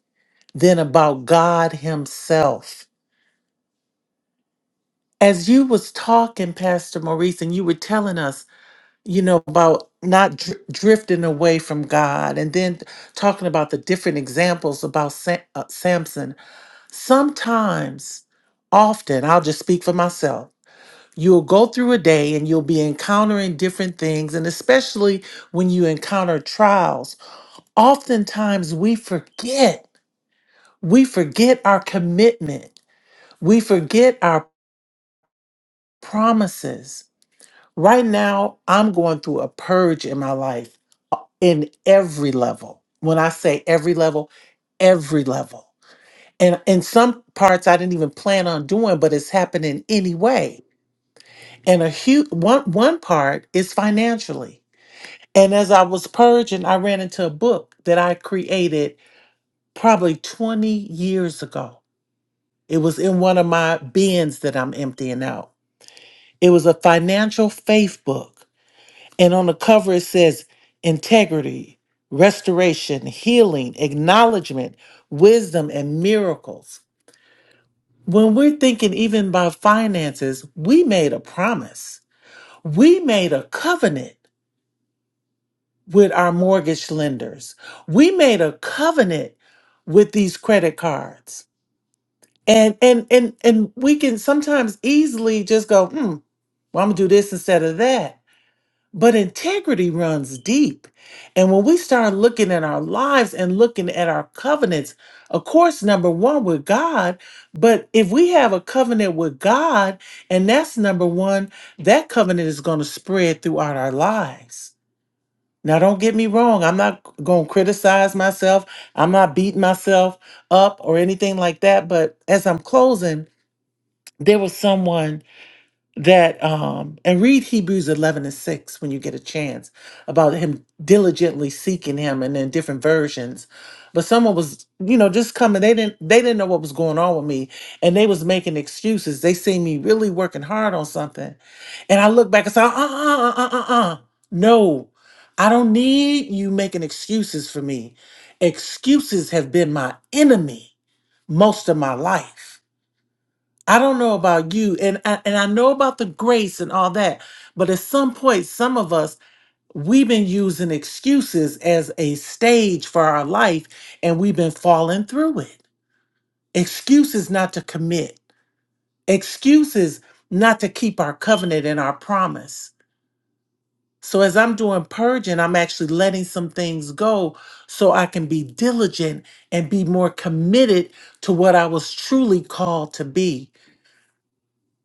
I: than about god himself as you was talking pastor maurice and you were telling us you know, about not dr- drifting away from God, and then talking about the different examples about Sam- uh, Samson. Sometimes, often, I'll just speak for myself. You'll go through a day and you'll be encountering different things, and especially when you encounter trials, oftentimes we forget. We forget our commitment. We forget our promises. Right now, I'm going through a purge in my life uh, in every level. When I say every level, every level. And in some parts I didn't even plan on doing, but it's happening anyway. And a huge one one part is financially. And as I was purging, I ran into a book that I created probably 20 years ago. It was in one of my bins that I'm emptying out. It was a financial faith book. And on the cover, it says integrity, restoration, healing, acknowledgement, wisdom, and miracles. When we're thinking even about finances, we made a promise. We made a covenant with our mortgage lenders. We made a covenant with these credit cards. And and and and we can sometimes easily just go, hmm, well, I'm gonna do this instead of that. But integrity runs deep. And when we start looking at our lives and looking at our covenants, of course, number one with God, but if we have a covenant with God, and that's number one, that covenant is going to spread throughout our lives. Now, don't get me wrong. I'm not going to criticize myself. I'm not beating myself up or anything like that. But as I'm closing, there was someone that um and read hebrews 11 and 6 when you get a chance about him diligently seeking him and in different versions but someone was you know just coming they didn't they didn't know what was going on with me and they was making excuses they seen me really working hard on something and i look back and say uh uh uh uh uh uh uh, uh." no i don't need you making excuses for me excuses have been my enemy most of my life I don't know about you, and I, and I know about the grace and all that, but at some point, some of us we've been using excuses as a stage for our life, and we've been falling through it. Excuses not to commit, excuses not to keep our covenant and our promise. So as I'm doing purging, I'm actually letting some things go so I can be diligent and be more committed to what I was truly called to be.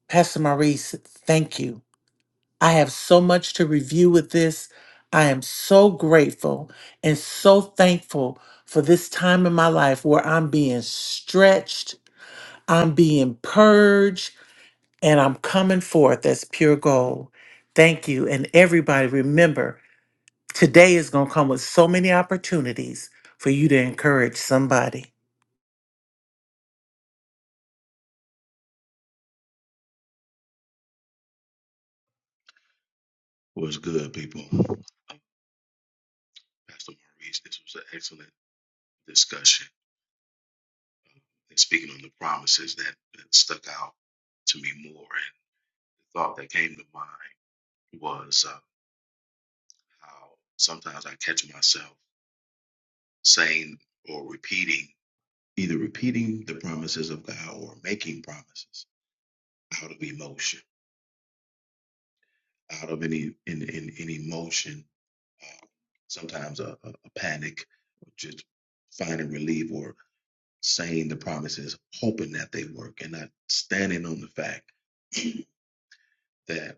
I: Pastor Maurice, thank you. I have so much to review with this. I am so grateful and so thankful for this time in my life where I'm being stretched, I'm being purged, and I'm coming forth as pure gold. Thank you. And everybody, remember, today is going to come with so many opportunities for you to encourage somebody.
J: was good, people. Uh, Pastor Maurice, this was an excellent discussion. And speaking on the promises that, that stuck out to me more, and the thought that came to mind was uh, how sometimes I catch myself saying or repeating, either repeating the promises of God or making promises out of emotion, out of any in in, in emotion. Uh, sometimes a, a, a panic, or just finding relief or saying the promises, hoping that they work, and not standing on the fact that,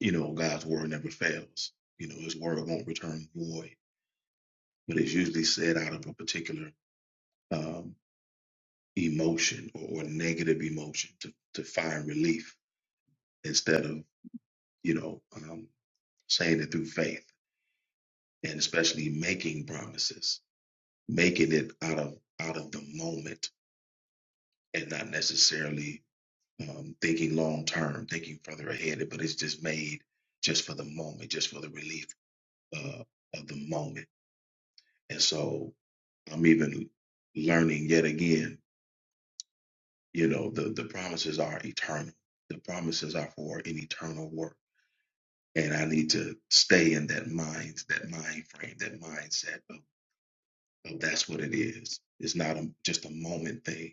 J: you know, God's word never fails. You know, his word won't return void, but it's usually said out of a particular um, emotion or, or negative emotion to, to find relief instead of, you know, um, saying it through faith and especially making promises, making it out of out of the moment and not necessarily um, thinking long term, thinking further ahead, but it's just made just for the moment, just for the relief uh, of the moment. And so I'm even learning yet again, you know, the, the promises are eternal. The promises are for an eternal work. And I need to stay in that mind, that mind frame, that mindset of, of that's what it is. It's not a, just a moment thing,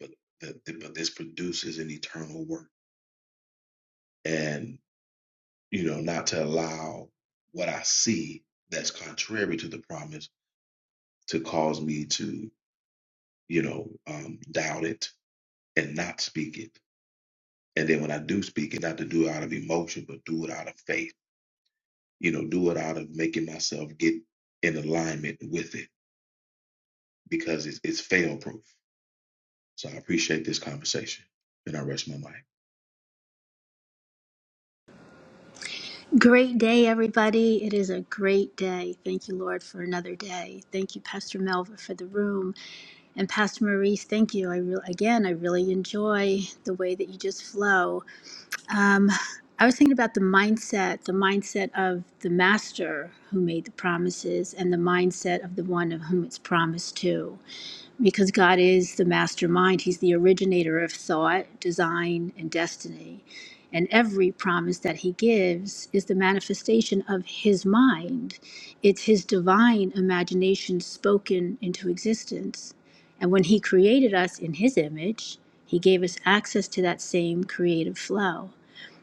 J: but, the, the, but this produces an eternal work. and. you know, not to allow what I see that's contrary to the promise to cause me to, you know, um, doubt it and not speak it. And then when I do speak it, not to do it out of emotion, but do it out of faith, you know, do it out of making myself get in alignment with it because it's, it's fail proof. So I appreciate this conversation and I rest my mind.
K: Great day, everybody. It is a great day. Thank you, Lord, for another day. Thank you, Pastor Melva, for the room. And Pastor Maurice, thank you. I re- again, I really enjoy the way that you just flow. Um, I was thinking about the mindset, the mindset of the master who made the promises and the mindset of the one of whom it's promised to because God is the mastermind. He's the originator of thought, design, and destiny. And every promise that He gives is the manifestation of His mind. It's His divine imagination spoken into existence. And when He created us in His image, He gave us access to that same creative flow.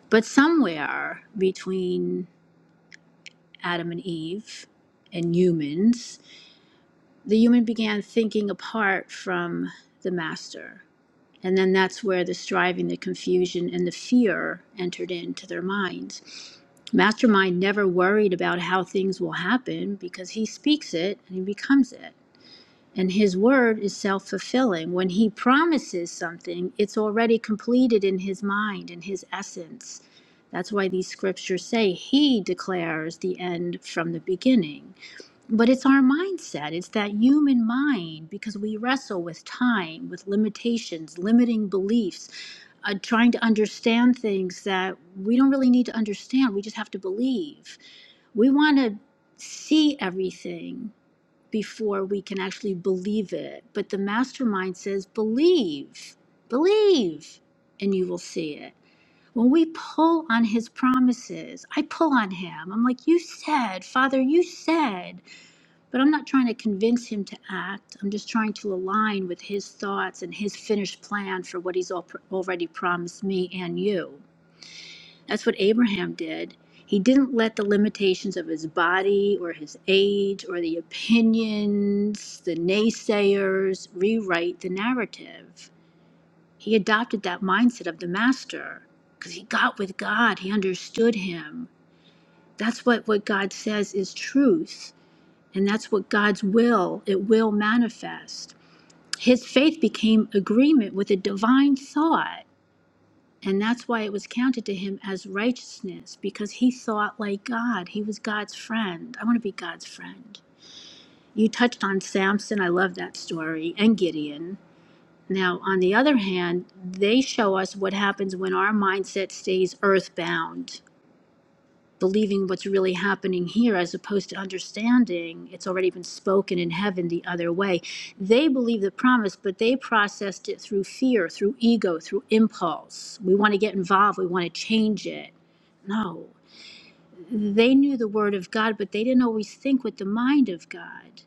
K: But somewhere between Adam and Eve and humans, the human began thinking apart from the master. And then that's where the striving, the confusion, and the fear entered into their minds. Mastermind never worried about how things will happen because he speaks it and he becomes it. And his word is self fulfilling. When he promises something, it's already completed in his mind, in his essence. That's why these scriptures say he declares the end from the beginning. But it's our mindset, it's that human mind, because we wrestle with time, with limitations, limiting beliefs uh, trying to understand things that we don't really need to understand. We just have to believe. We want to see everything before we can actually believe it. But the mastermind says, believe, believe, and you will see it. When we pull on his promises, I pull on him. I'm like, You said, Father, you said. But I'm not trying to convince him to act. I'm just trying to align with his thoughts and his finished plan for what he's al- already promised me and you. That's what Abraham did. He didn't let the limitations of his body or his age or the opinions, the naysayers, rewrite the narrative. He adopted that mindset of the master because he got with God, he understood him. That's what, what God says is truth and that's what God's will, it will manifest. His faith became agreement with a divine thought. And that's why it was counted to him as righteousness, because he thought like God. He was God's friend. I want to be God's friend. You touched on Samson. I love that story, and Gideon. Now, on the other hand, they show us what happens when our mindset stays earthbound believing what's really happening here as opposed to understanding it's already been spoken in heaven the other way. They believe the promise, but they processed it through fear, through ego, through impulse. We want to get involved, we want to change it. No. They knew the word of God, but they didn't always think with the mind of God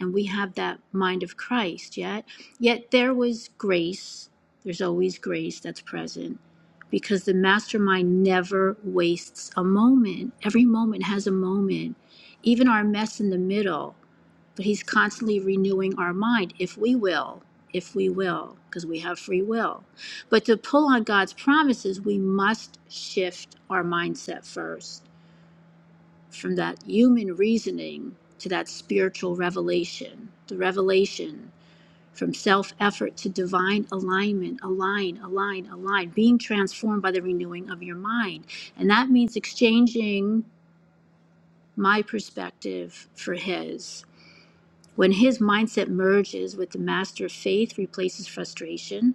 K: and we have that mind of Christ yet. Yet there was grace. There's always grace that's present because the mastermind never wastes a moment. Every moment has a moment, even our mess in the middle. But he's constantly renewing our mind if we will, if we will, because we have free will. But to pull on God's promises, we must shift our mindset first from that human reasoning to that spiritual revelation, the revelation from self effort to divine alignment, align, align, align, being transformed by the renewing of your mind. And that means exchanging my perspective for his. When his mindset merges with the master of faith, replaces frustration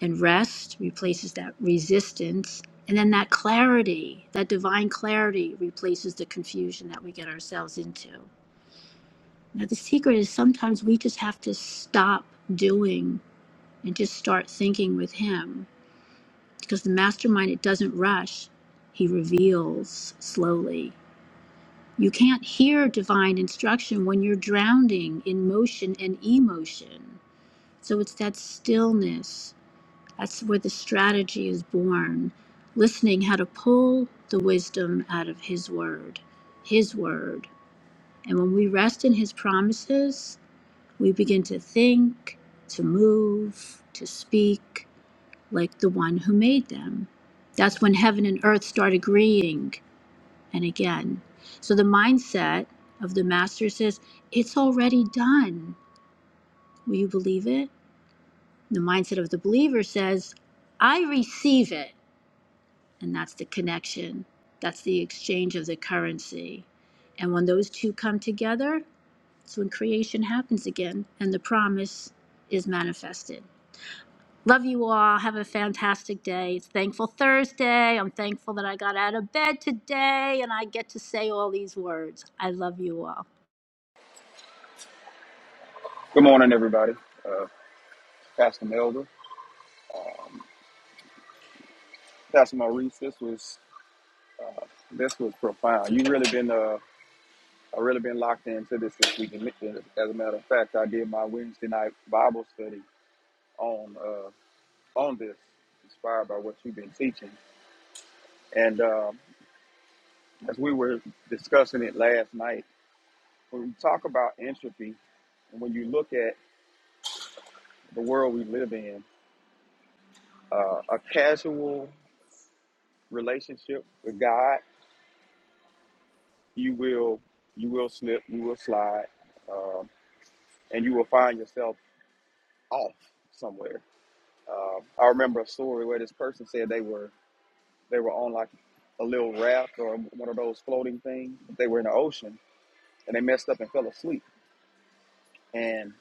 K: and rest, replaces that resistance. And then that clarity, that divine clarity, replaces the confusion that we get ourselves into. Now, the secret is sometimes we just have to stop doing and just start thinking with Him. Because the mastermind, it doesn't rush, He reveals slowly. You can't hear divine instruction when you're drowning in motion and emotion. So it's that stillness. That's where the strategy is born. Listening how to pull the wisdom out of His Word. His Word. And when we rest in His promises, We begin to think, to move, to speak like the one who made them. That's when heaven and earth start agreeing and again. So the mindset of the master says, It's already done. Will you believe it? The mindset of the believer says, I receive it. And that's the connection, that's the exchange of the currency. And when those two come together, it's when creation happens again and the promise is manifested. Love you all. Have a fantastic day. It's Thankful Thursday. I'm thankful that I got out of bed today and I get to say all these words. I love you all.
F: Good morning, everybody. Uh, Pastor Melvin, Pastor Maurice, this was this was profound. You really been uh, I really been locked into this this week. And uh, As a matter of fact, I did my Wednesday night Bible study on uh, on this, inspired by what you've been teaching. And um, as we were discussing it last night, when we talk about entropy, and when you look at the world we live in, uh, a casual relationship with God you will you will slip, you will slide, um, and you will find yourself off somewhere. Um, I remember a story where this person said they were they were on like a little raft or one of those floating things. They were in the ocean and they messed up and fell asleep. And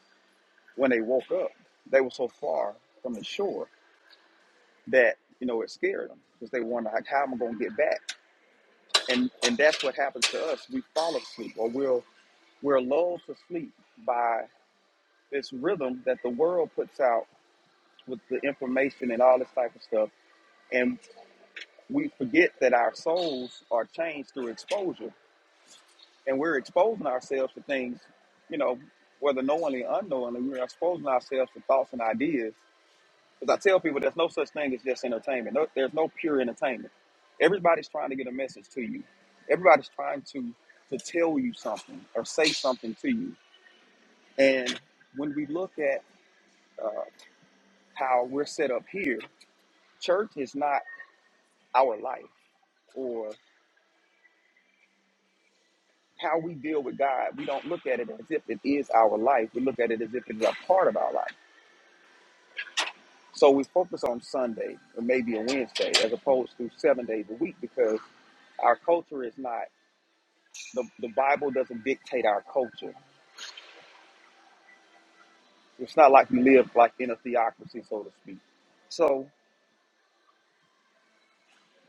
F: when they woke up, they were so far from the shore that you know it scared them because they wonder like how am I going to get back? And and that's what happens to us. We fall asleep or we'll we're lulled to sleep by this rhythm that the world puts out with the information and all this type of stuff. And we forget that our souls are changed through exposure. And we're exposing ourselves to things, you know, whether knowingly or unknowingly, we're exposing ourselves to thoughts and ideas. Because I tell people there's no such thing as just entertainment. No, there's no pure entertainment. Everybody's trying to get a message to you. Everybody's trying to to tell you something or say something to you. And when we look at how we're set up here, Church is not our life or how we deal with God. We don't look at it as if it is our life. We look at it as if it is a part of our life. So we focus on Sunday or maybe a Wednesday as opposed to seven days a week because our culture is not, the, the Bible doesn't dictate our culture. It's not like we live like in a theocracy, so to speak. So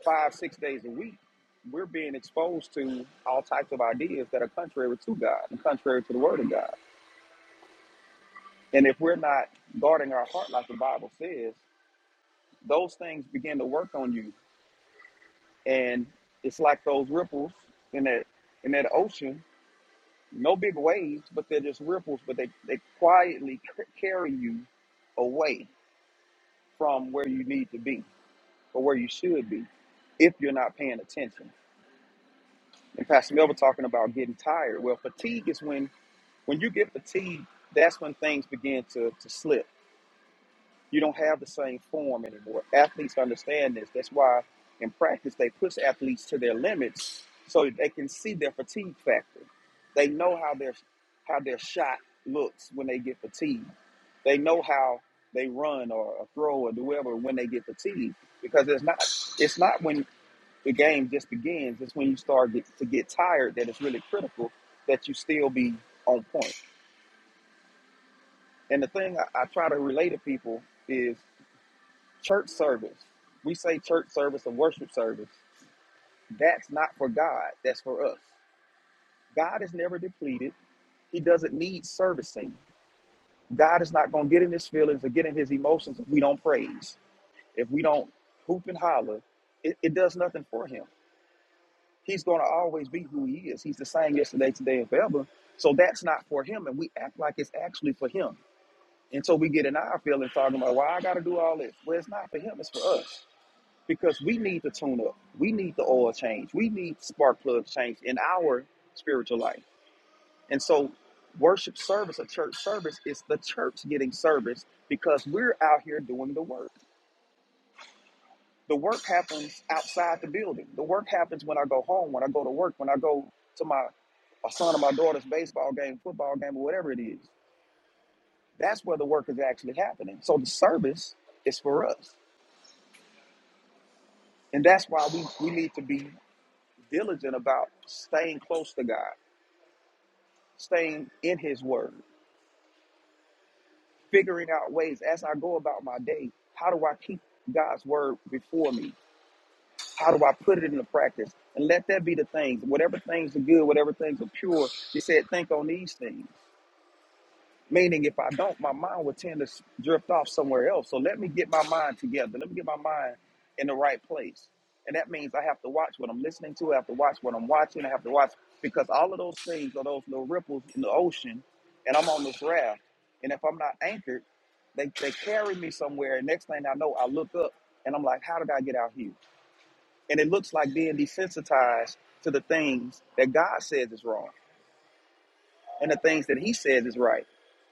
F: five, six days a week, we're being exposed to all types of ideas that are contrary to God and contrary to the Word of God. And if we're not guarding our heart like the Bible says, those things begin to work on you. And it's like those ripples in that in that ocean, no big waves, but they're just ripples, but they, they quietly c- carry you away from where you need to be or where you should be if you're not paying attention. And Pastor Melvin talking about getting tired. Well, fatigue is when when you get fatigued, that's when things begin to, to slip You don't have the same form anymore. Athletes understand this. That's why in practice they push athletes to their limits so they can see their fatigue factor. They know how their how their shot looks when they get fatigued. They know how they run or throw or do whatever when they get fatigued because it's not it's not when the game just begins. It's when you start get, to get tired that it's really critical that you still be on point. And the thing I, I try to relate to people is Church service. We say church service and worship service. That's not for God. That's for us. God is never depleted. He doesn't need servicing. God is not going to get in his feelings or get in his emotions if we don't praise. If we don't hoop and holler, it, it does nothing for him. He's going to always be who he is. He's the same yesterday, today, and forever. So that's not for him. And we act like it's actually for him. And so we get in our feelings talking about, why I got to do all this? Well, it's not for him. It's for us. because we need to tune up. We need the oil change. We need spark plugs change in our spiritual life. And so, worship service, a church service, is the church getting service because we're out here doing the work. The work happens outside the building. The work happens when I go home, when I go to work, when I go to my, my son or my daughter's baseball game, football game, or whatever it is. That's where the work is actually happening. So, the service is for us. And that's why we, we need to be diligent about staying close to God staying in his word, figuring out ways as I go about my day, how do I keep God's word before me? How do I put it into practice? And let that be the things, whatever things are good, whatever things are pure, he said, think on these things. Meaning, if I don't, my mind will tend to drift off somewhere else. So let me get my mind together. Let me get my mind in the right place. And that means I have to watch what I'm listening to. I have to watch what I'm watching. I have to watch because all of those things are those little ripples in the ocean. And I'm on this raft. And if I'm not anchored, they, they carry me somewhere. And next thing I know, I look up and I'm like, how did I get out here? And it looks like being desensitized to the things that God says is wrong and the things that he says is right.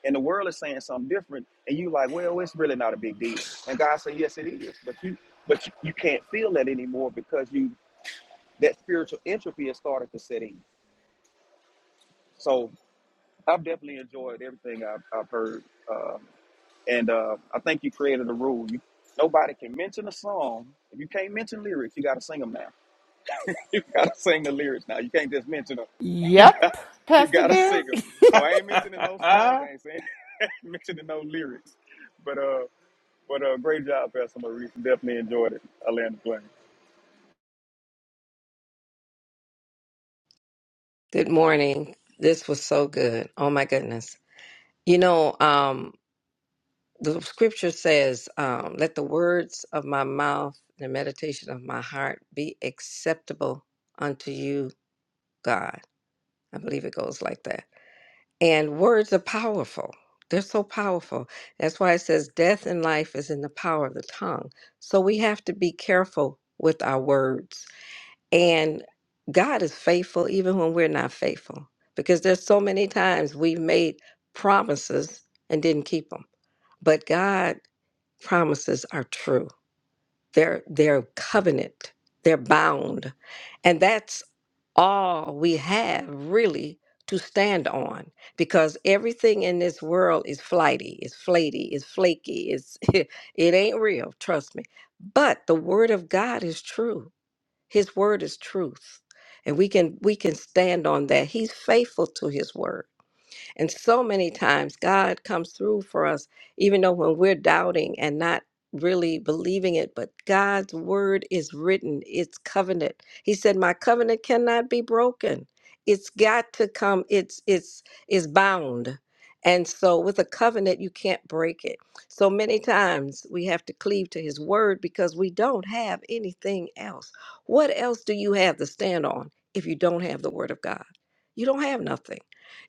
F: And the world is saying something different, and you like, well, it's really not a big deal. And God said, yes, it is. But you, but you, you can't feel that anymore because you that spiritual entropy has started to set in. So I've definitely enjoyed everything I've, I've heard, um, and uh, I think you created a rule. You, nobody can mention a song if you can't mention lyrics. You got to sing them now. You got to sing the lyrics now. You can't just mention them. You got
B: Yep,
F: you
B: Pastor
F: got to sing
B: Derek.
F: them. So I ain't mentioning no songs. I ain't saying. mentioning no lyrics. But uh, but uh, great job, Pastor Maurice. Definitely enjoyed it. I land the plane.
C: Good morning. This was so good. Oh my goodness. You know, um, the scripture says, um, let the words of my mouth and the meditation of my heart be acceptable unto you, God. I believe it goes like that. And words are powerful. They're so powerful. That's why it says death and life is in the power of the tongue. So we have to be careful with our words And God is faithful even when we're not faithful because there's so many times we've made promises and didn't keep them. But God promises are true. They're they're covenant. They're bound. And that's all we have really to stand on because everything in this world is flighty, is flaky, is flaky, is it ain't real, trust me. But the word of God is true his word is truth. And we can we can stand on that. He's faithful to his word. And so many times God comes through for us, even though when we're doubting and not really believing it, but God's word is written, it's covenant. He said, My covenant cannot be broken. It's got to come, it's it's it's bound. And so with a covenant, you can't break it. So many times we have to cleave to his word because we don't have anything else. What else do you have to stand on if you don't have the word of God? You don't have nothing.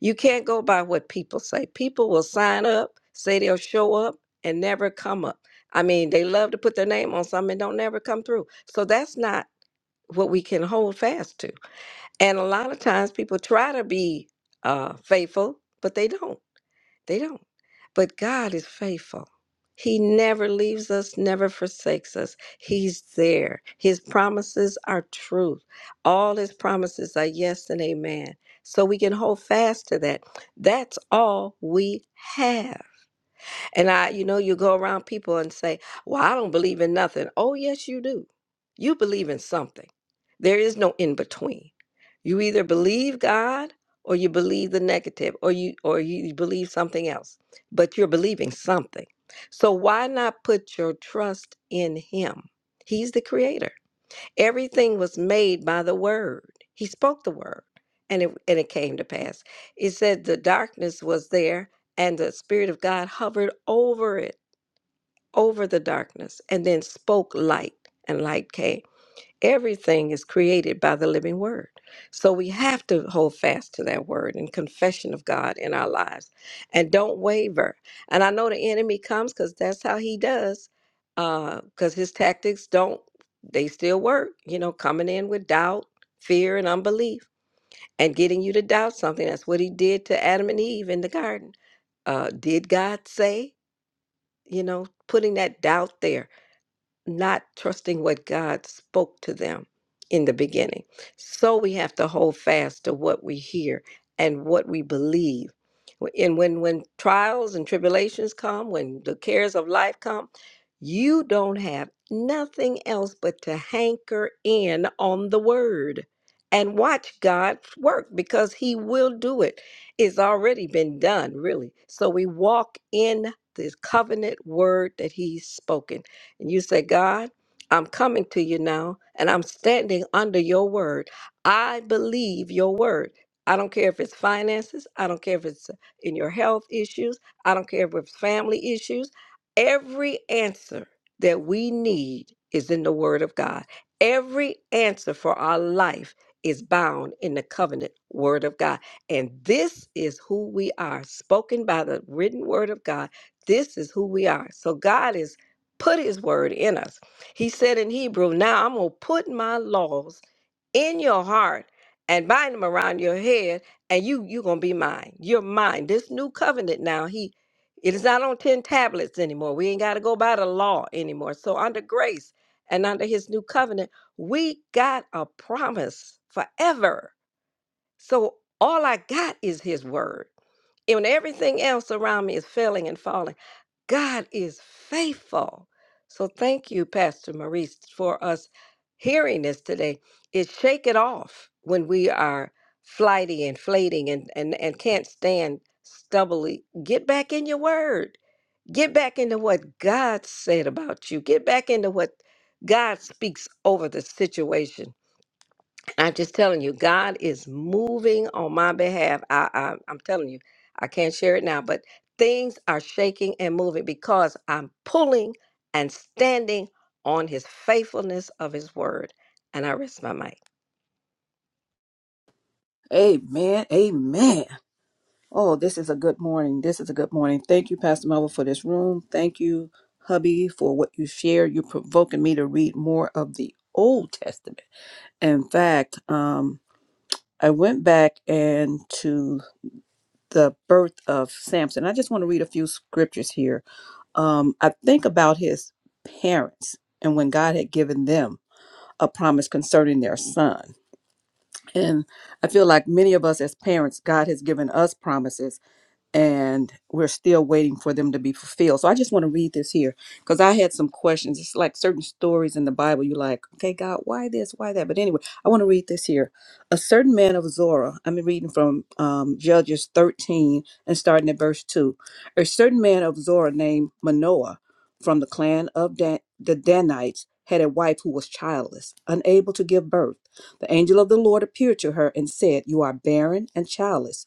C: You can't go by what people say. People will sign up, say they'll show up, and never come up. I mean, they love to put their name on something and don't never come through. So that's not what we can hold fast to. And a lot of times people try to be uh, faithful, but they don't. They don't. But God is faithful. He never leaves us, never forsakes us. He's there. His promises are truth. All his promises are yes and amen. So we can hold fast to that. That's all we have. And I, you know, you go around people and say, Well, I don't believe in nothing. Oh, yes, you do. You believe in something. There is no in between. You either believe God or you believe the negative or you or you believe something else. But you're believing something. So why not put your trust in him? He's the creator. Everything was made by the word. He spoke the word and it, and it came to pass. It said the darkness was there and the Spirit of God hovered over it, over the darkness, and then spoke light and light came. Everything is created by the living word. So we have to hold fast to that word and confession of God in our lives and don't waver. And I know the enemy comes because that's how he does, because his tactics don't, they still work, you know, coming in with doubt, fear, and unbelief and getting you to doubt something. That's what he did to Adam and Eve in the garden. Uh, did God say, you know, putting that doubt there? not trusting what God spoke to them in the beginning. So we have to hold fast to what we hear and what we believe. And when when trials and tribulations come, when the cares of life come, you don't have nothing else but to hanker in on the word and watch God's work because he will do it. It's already been done, really. So we walk in this covenant word that he's spoken and you say, God, I'm coming to you now and I'm standing under your word. I believe your word. I don't care if it's finances. I don't care if it's in your health issues. I don't care if it's family issues. Every answer that we need is in the word of God. Every answer for our life is bound in the covenant word of God. And this is who we are, spoken by the written word of God. This is who we are. So God is put his word in us. He said in Hebrew, Now I'm going to put my laws in your heart and bind them around your head, and you you're gonna be mine. You're mine. This new covenant now, he it is not on ten tablets anymore. We ain't gotta go by the law anymore. So under grace and under his new covenant, we got a promise forever. So all I got is his word. And when everything else around me is failing and falling. God is faithful. So thank you, Pastor Maurice, for us hearing this today. Is shake it off when we are flighty and flating and, and, and can't stand stubbly. Get back in your word. Get back into what God said about you. Get back into what God speaks over the situation I'm just telling you, God is moving on my behalf. I, I I'm telling you, I can't share it now, but things are shaking and moving because I'm pulling and standing on His faithfulness of His word. And I rest my mic.
D: Amen. Amen. Oh, this is a good morning. This is a good morning. Thank you, Pastor Melvin, for this room. Thank you, hubby, for what you shared. You're provoking me to read more of the Old Testament. In fact, um, I went back and to the birth of Samson. I just want to read a few scriptures here. Um, I think about his parents and when God had given them a promise concerning their son. And I feel like many of us as parents, God has given us promises and we're still waiting for them to be fulfilled. So I just want to read this here because I had some questions. It's like certain stories in the Bible. You're like, okay, God, why this, why that? But anyway, I want to read this here. A certain man of Zorah. I'm reading from um, Judges 13 and starting at verse two. A certain man of Zorah named Manoah, from the clan of Dan- the Danites. Had a wife who was childless, unable to give birth. The angel of the Lord appeared to her and said, You are barren and childless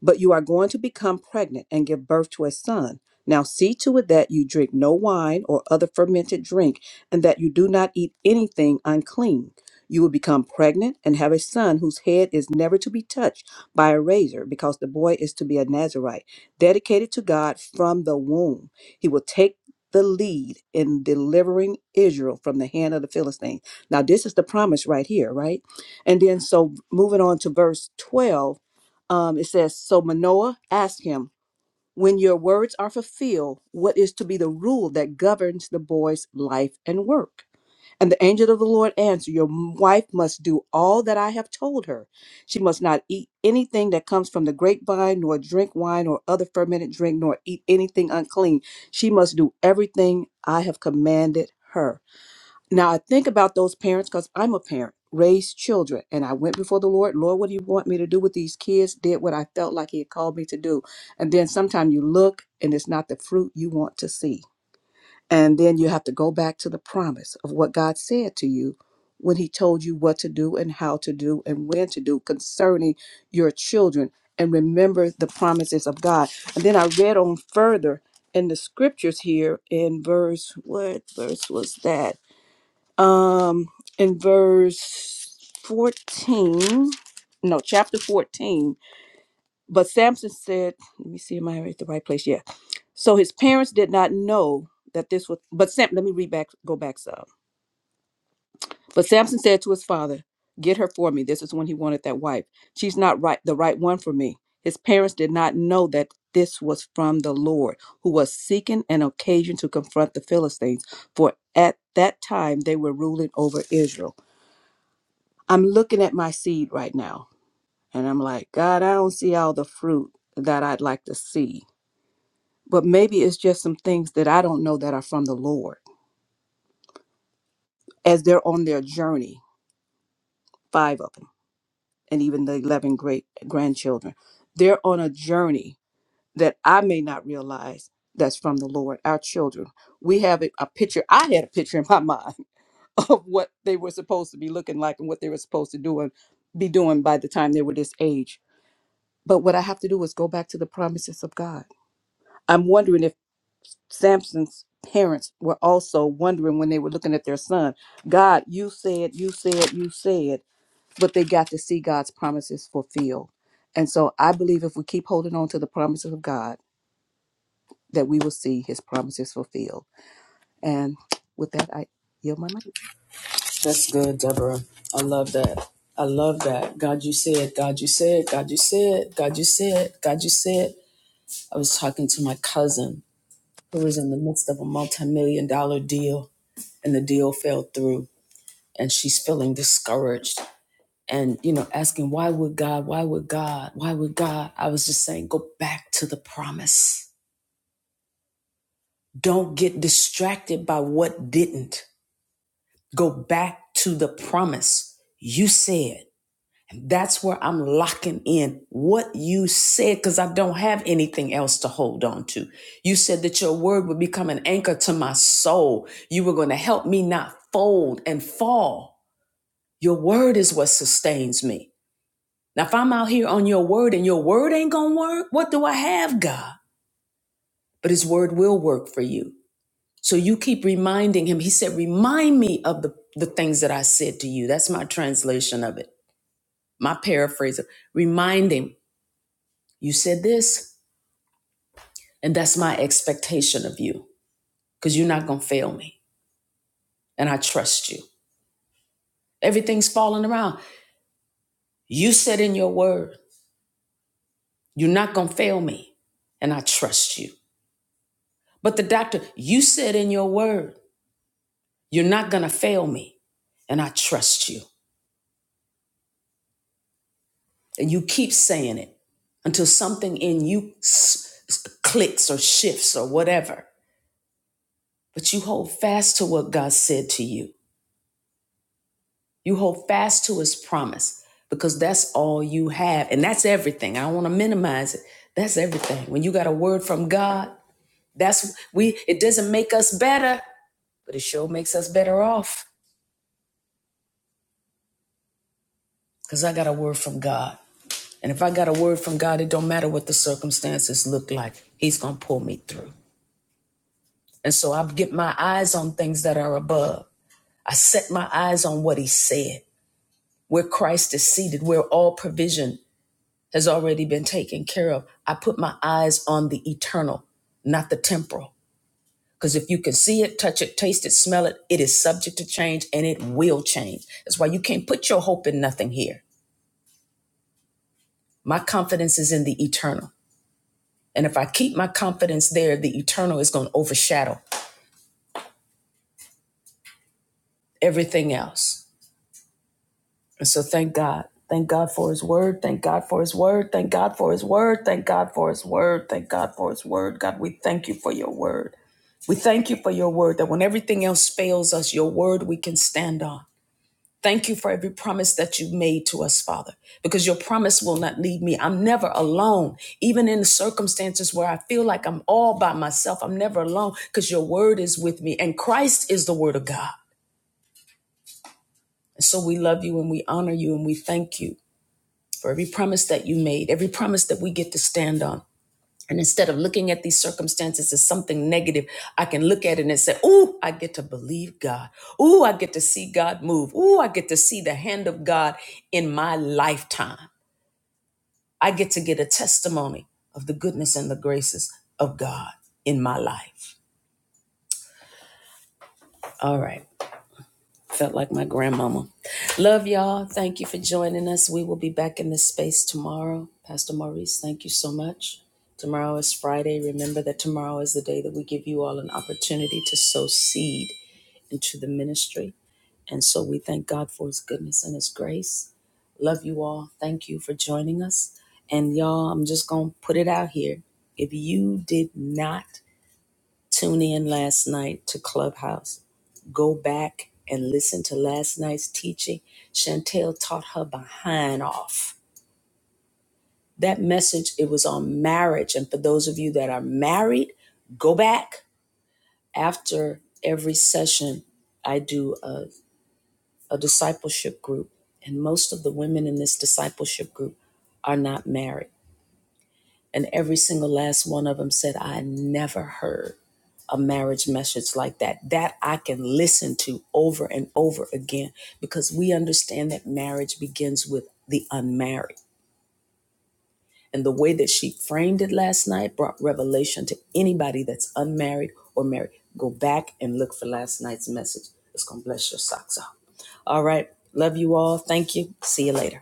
D: but you are going to become pregnant and give birth to a son. Now see to it that you drink no wine or other fermented drink, and that you do not eat anything unclean. You will become pregnant and have a son whose head is never to be touched by a razor, because the boy is to be a Nazarite, dedicated to God from the womb. He will take the lead in delivering Israel from the hand of the Philistines. Now, this is the promise right here, right? And then, so moving on to verse 12 um, it says, So Manoah asked him, When your words are fulfilled, what is to be the rule that governs the boy's life and work? And the angel of the Lord answered, Your wife must do all that I have told her. She must not eat anything that comes from the grapevine, nor drink wine or other fermented drink, nor eat anything unclean. She must do everything I have commanded her. Now I think about those parents because I'm a parent, raised children, and I went before the Lord. Lord, what do you want me to do with these kids? Did what I felt like He had called me to do. And then sometimes you look and it's not the fruit you want to see. And then you have to go back to the promise of what God said to you when He told you what to do and how to do and when to do concerning your children. And remember the promises of God. And then I read on further in the scriptures here in verse, what verse was that? um in verse 14 no chapter 14 but samson said let me see am i at the right place yeah so his parents did not know that this was but sam let me read back go back some but samson said to his father get her for me this is when he wanted that wife she's not right the right one for me his parents did not know that this was from the lord who was seeking an occasion to confront the philistines for at that time they were ruling over israel I'm looking at my seed right now and I'm like, God, I don't see all the fruit that I'd like to see. But maybe it's just some things that I don't know that are from the Lord as they're on their journey, five of them, and even the 11 great grandchildren. They're on a journey that I may not realize that's from the Lord, our children. We have a a picture, I had a picture in my mind of what they were supposed to be looking like and what they were supposed to do and be doing by the time they were this age But what I have to do is go back to the promises of God. I'm wondering if Samson's parents were also wondering when they were looking at their son, God, you said, you said, you said, but they got to see God's promises fulfilled. And so I believe if we keep holding on to the promises of God, that we will see his promises fulfilled. And with that, I yield my mic.
A: That's good, Deborah. I love that. I love that. God, you said, God, you said, God, you said, God, you said, God, you said. I was talking to my cousin who was in the midst of a multi million dollar deal, and the deal fell through, and she's feeling discouraged. And, you know, asking, why would God, why would God, why would God? I was just saying, go back to the promise. Don't get distracted by what didn't. Go back to the promise. You said That's where I'm locking in what you said because I don't have anything else to hold on to. You said that your word would become an anchor to my soul. You were going to help me not fold and fall. Your word is what sustains me. Now, if I'm out here on your word and your word ain't going to work, what do I have, God? But his word will work for you. So you keep reminding him. He said, Remind me of the, the things that I said to you. That's my translation of it, my paraphrase. of- Remind him You said this, and that's my expectation of you because you're not going to fail me. And I trust you. Everything's falling around. You said in your word, you're not going to fail me. And I trust you. But the doctor, you said in your word, you're not going to fail me. And I trust you. And you keep saying it until something in you s- s- clicks or shifts or whatever. But you hold fast to what God said to you. You hold fast to his promise because that's all you have. And that's everything. I don't want to minimize it. That's everything. When you got a word from God, that's we it doesn't make us better, but it sure makes us better off. Because I got a word from God. And if I got a word from God, it don't matter what the circumstances look like. He's gonna pull me through. And so I get my eyes on things that are above. I set my eyes on what he said, where Christ is seated, where all provision has already been taken care of. I put my eyes on the eternal, not the temporal. Because if you can see it, touch it, taste it, smell it, it is subject to change and it will change. That's why you can't put your hope in nothing here. My confidence is in the eternal. And if I keep my confidence there, the eternal is going to overshadow everything else. And so thank God. Thank God for his word. Thank God for his word. Thank God for his word. Thank God for his word. Thank God for his word. God, we thank you for your word. We thank you for your word that when everything else fails us, your word we can stand on. Thank you for every promise that you made to us, Father, because your promise will not leave me. I'm never alone, even in the circumstances where I feel like I'm all by myself. I'm never alone because your word is with me and Christ is the word of God. And so we love you and we honor you and we thank you for every promise that you made, every promise that we get to stand on. And instead of looking at these circumstances as something negative, I can look at it and say, Ooh, I get to believe God. Ooh, I get to see God move. Ooh, I get to see the hand of God in my lifetime. I get to get a testimony of the goodness and the graces of God in my life. All right. Felt like my grandmama. Love y'all. Thank you for joining us. We will be back in this space tomorrow. Pastor Maurice, thank you so much. Tomorrow is Friday. Remember that tomorrow is the day that we give you all an opportunity to sow seed into the ministry. And so we thank God for his goodness and his grace. Love you all. Thank you for joining us. And y'all, I'm just going to put it out here. If you did not tune in last night to Clubhouse, go back and listen to last night's teaching, Chantel taught her behind off. That message, it was on marriage. And for those of you that are married, go back. After every session, I do a, a discipleship group. And most of the women in this discipleship group are not married. And every single last one of them said, I never heard a marriage message like that. That I can listen to over and over again because we understand that marriage begins with the unmarried. And the way that she framed it last night brought revelation to anybody that's unmarried or married. Go back and look for last night's message. It's going to bless your socks off. All right. Love you all. Thank you. See you later.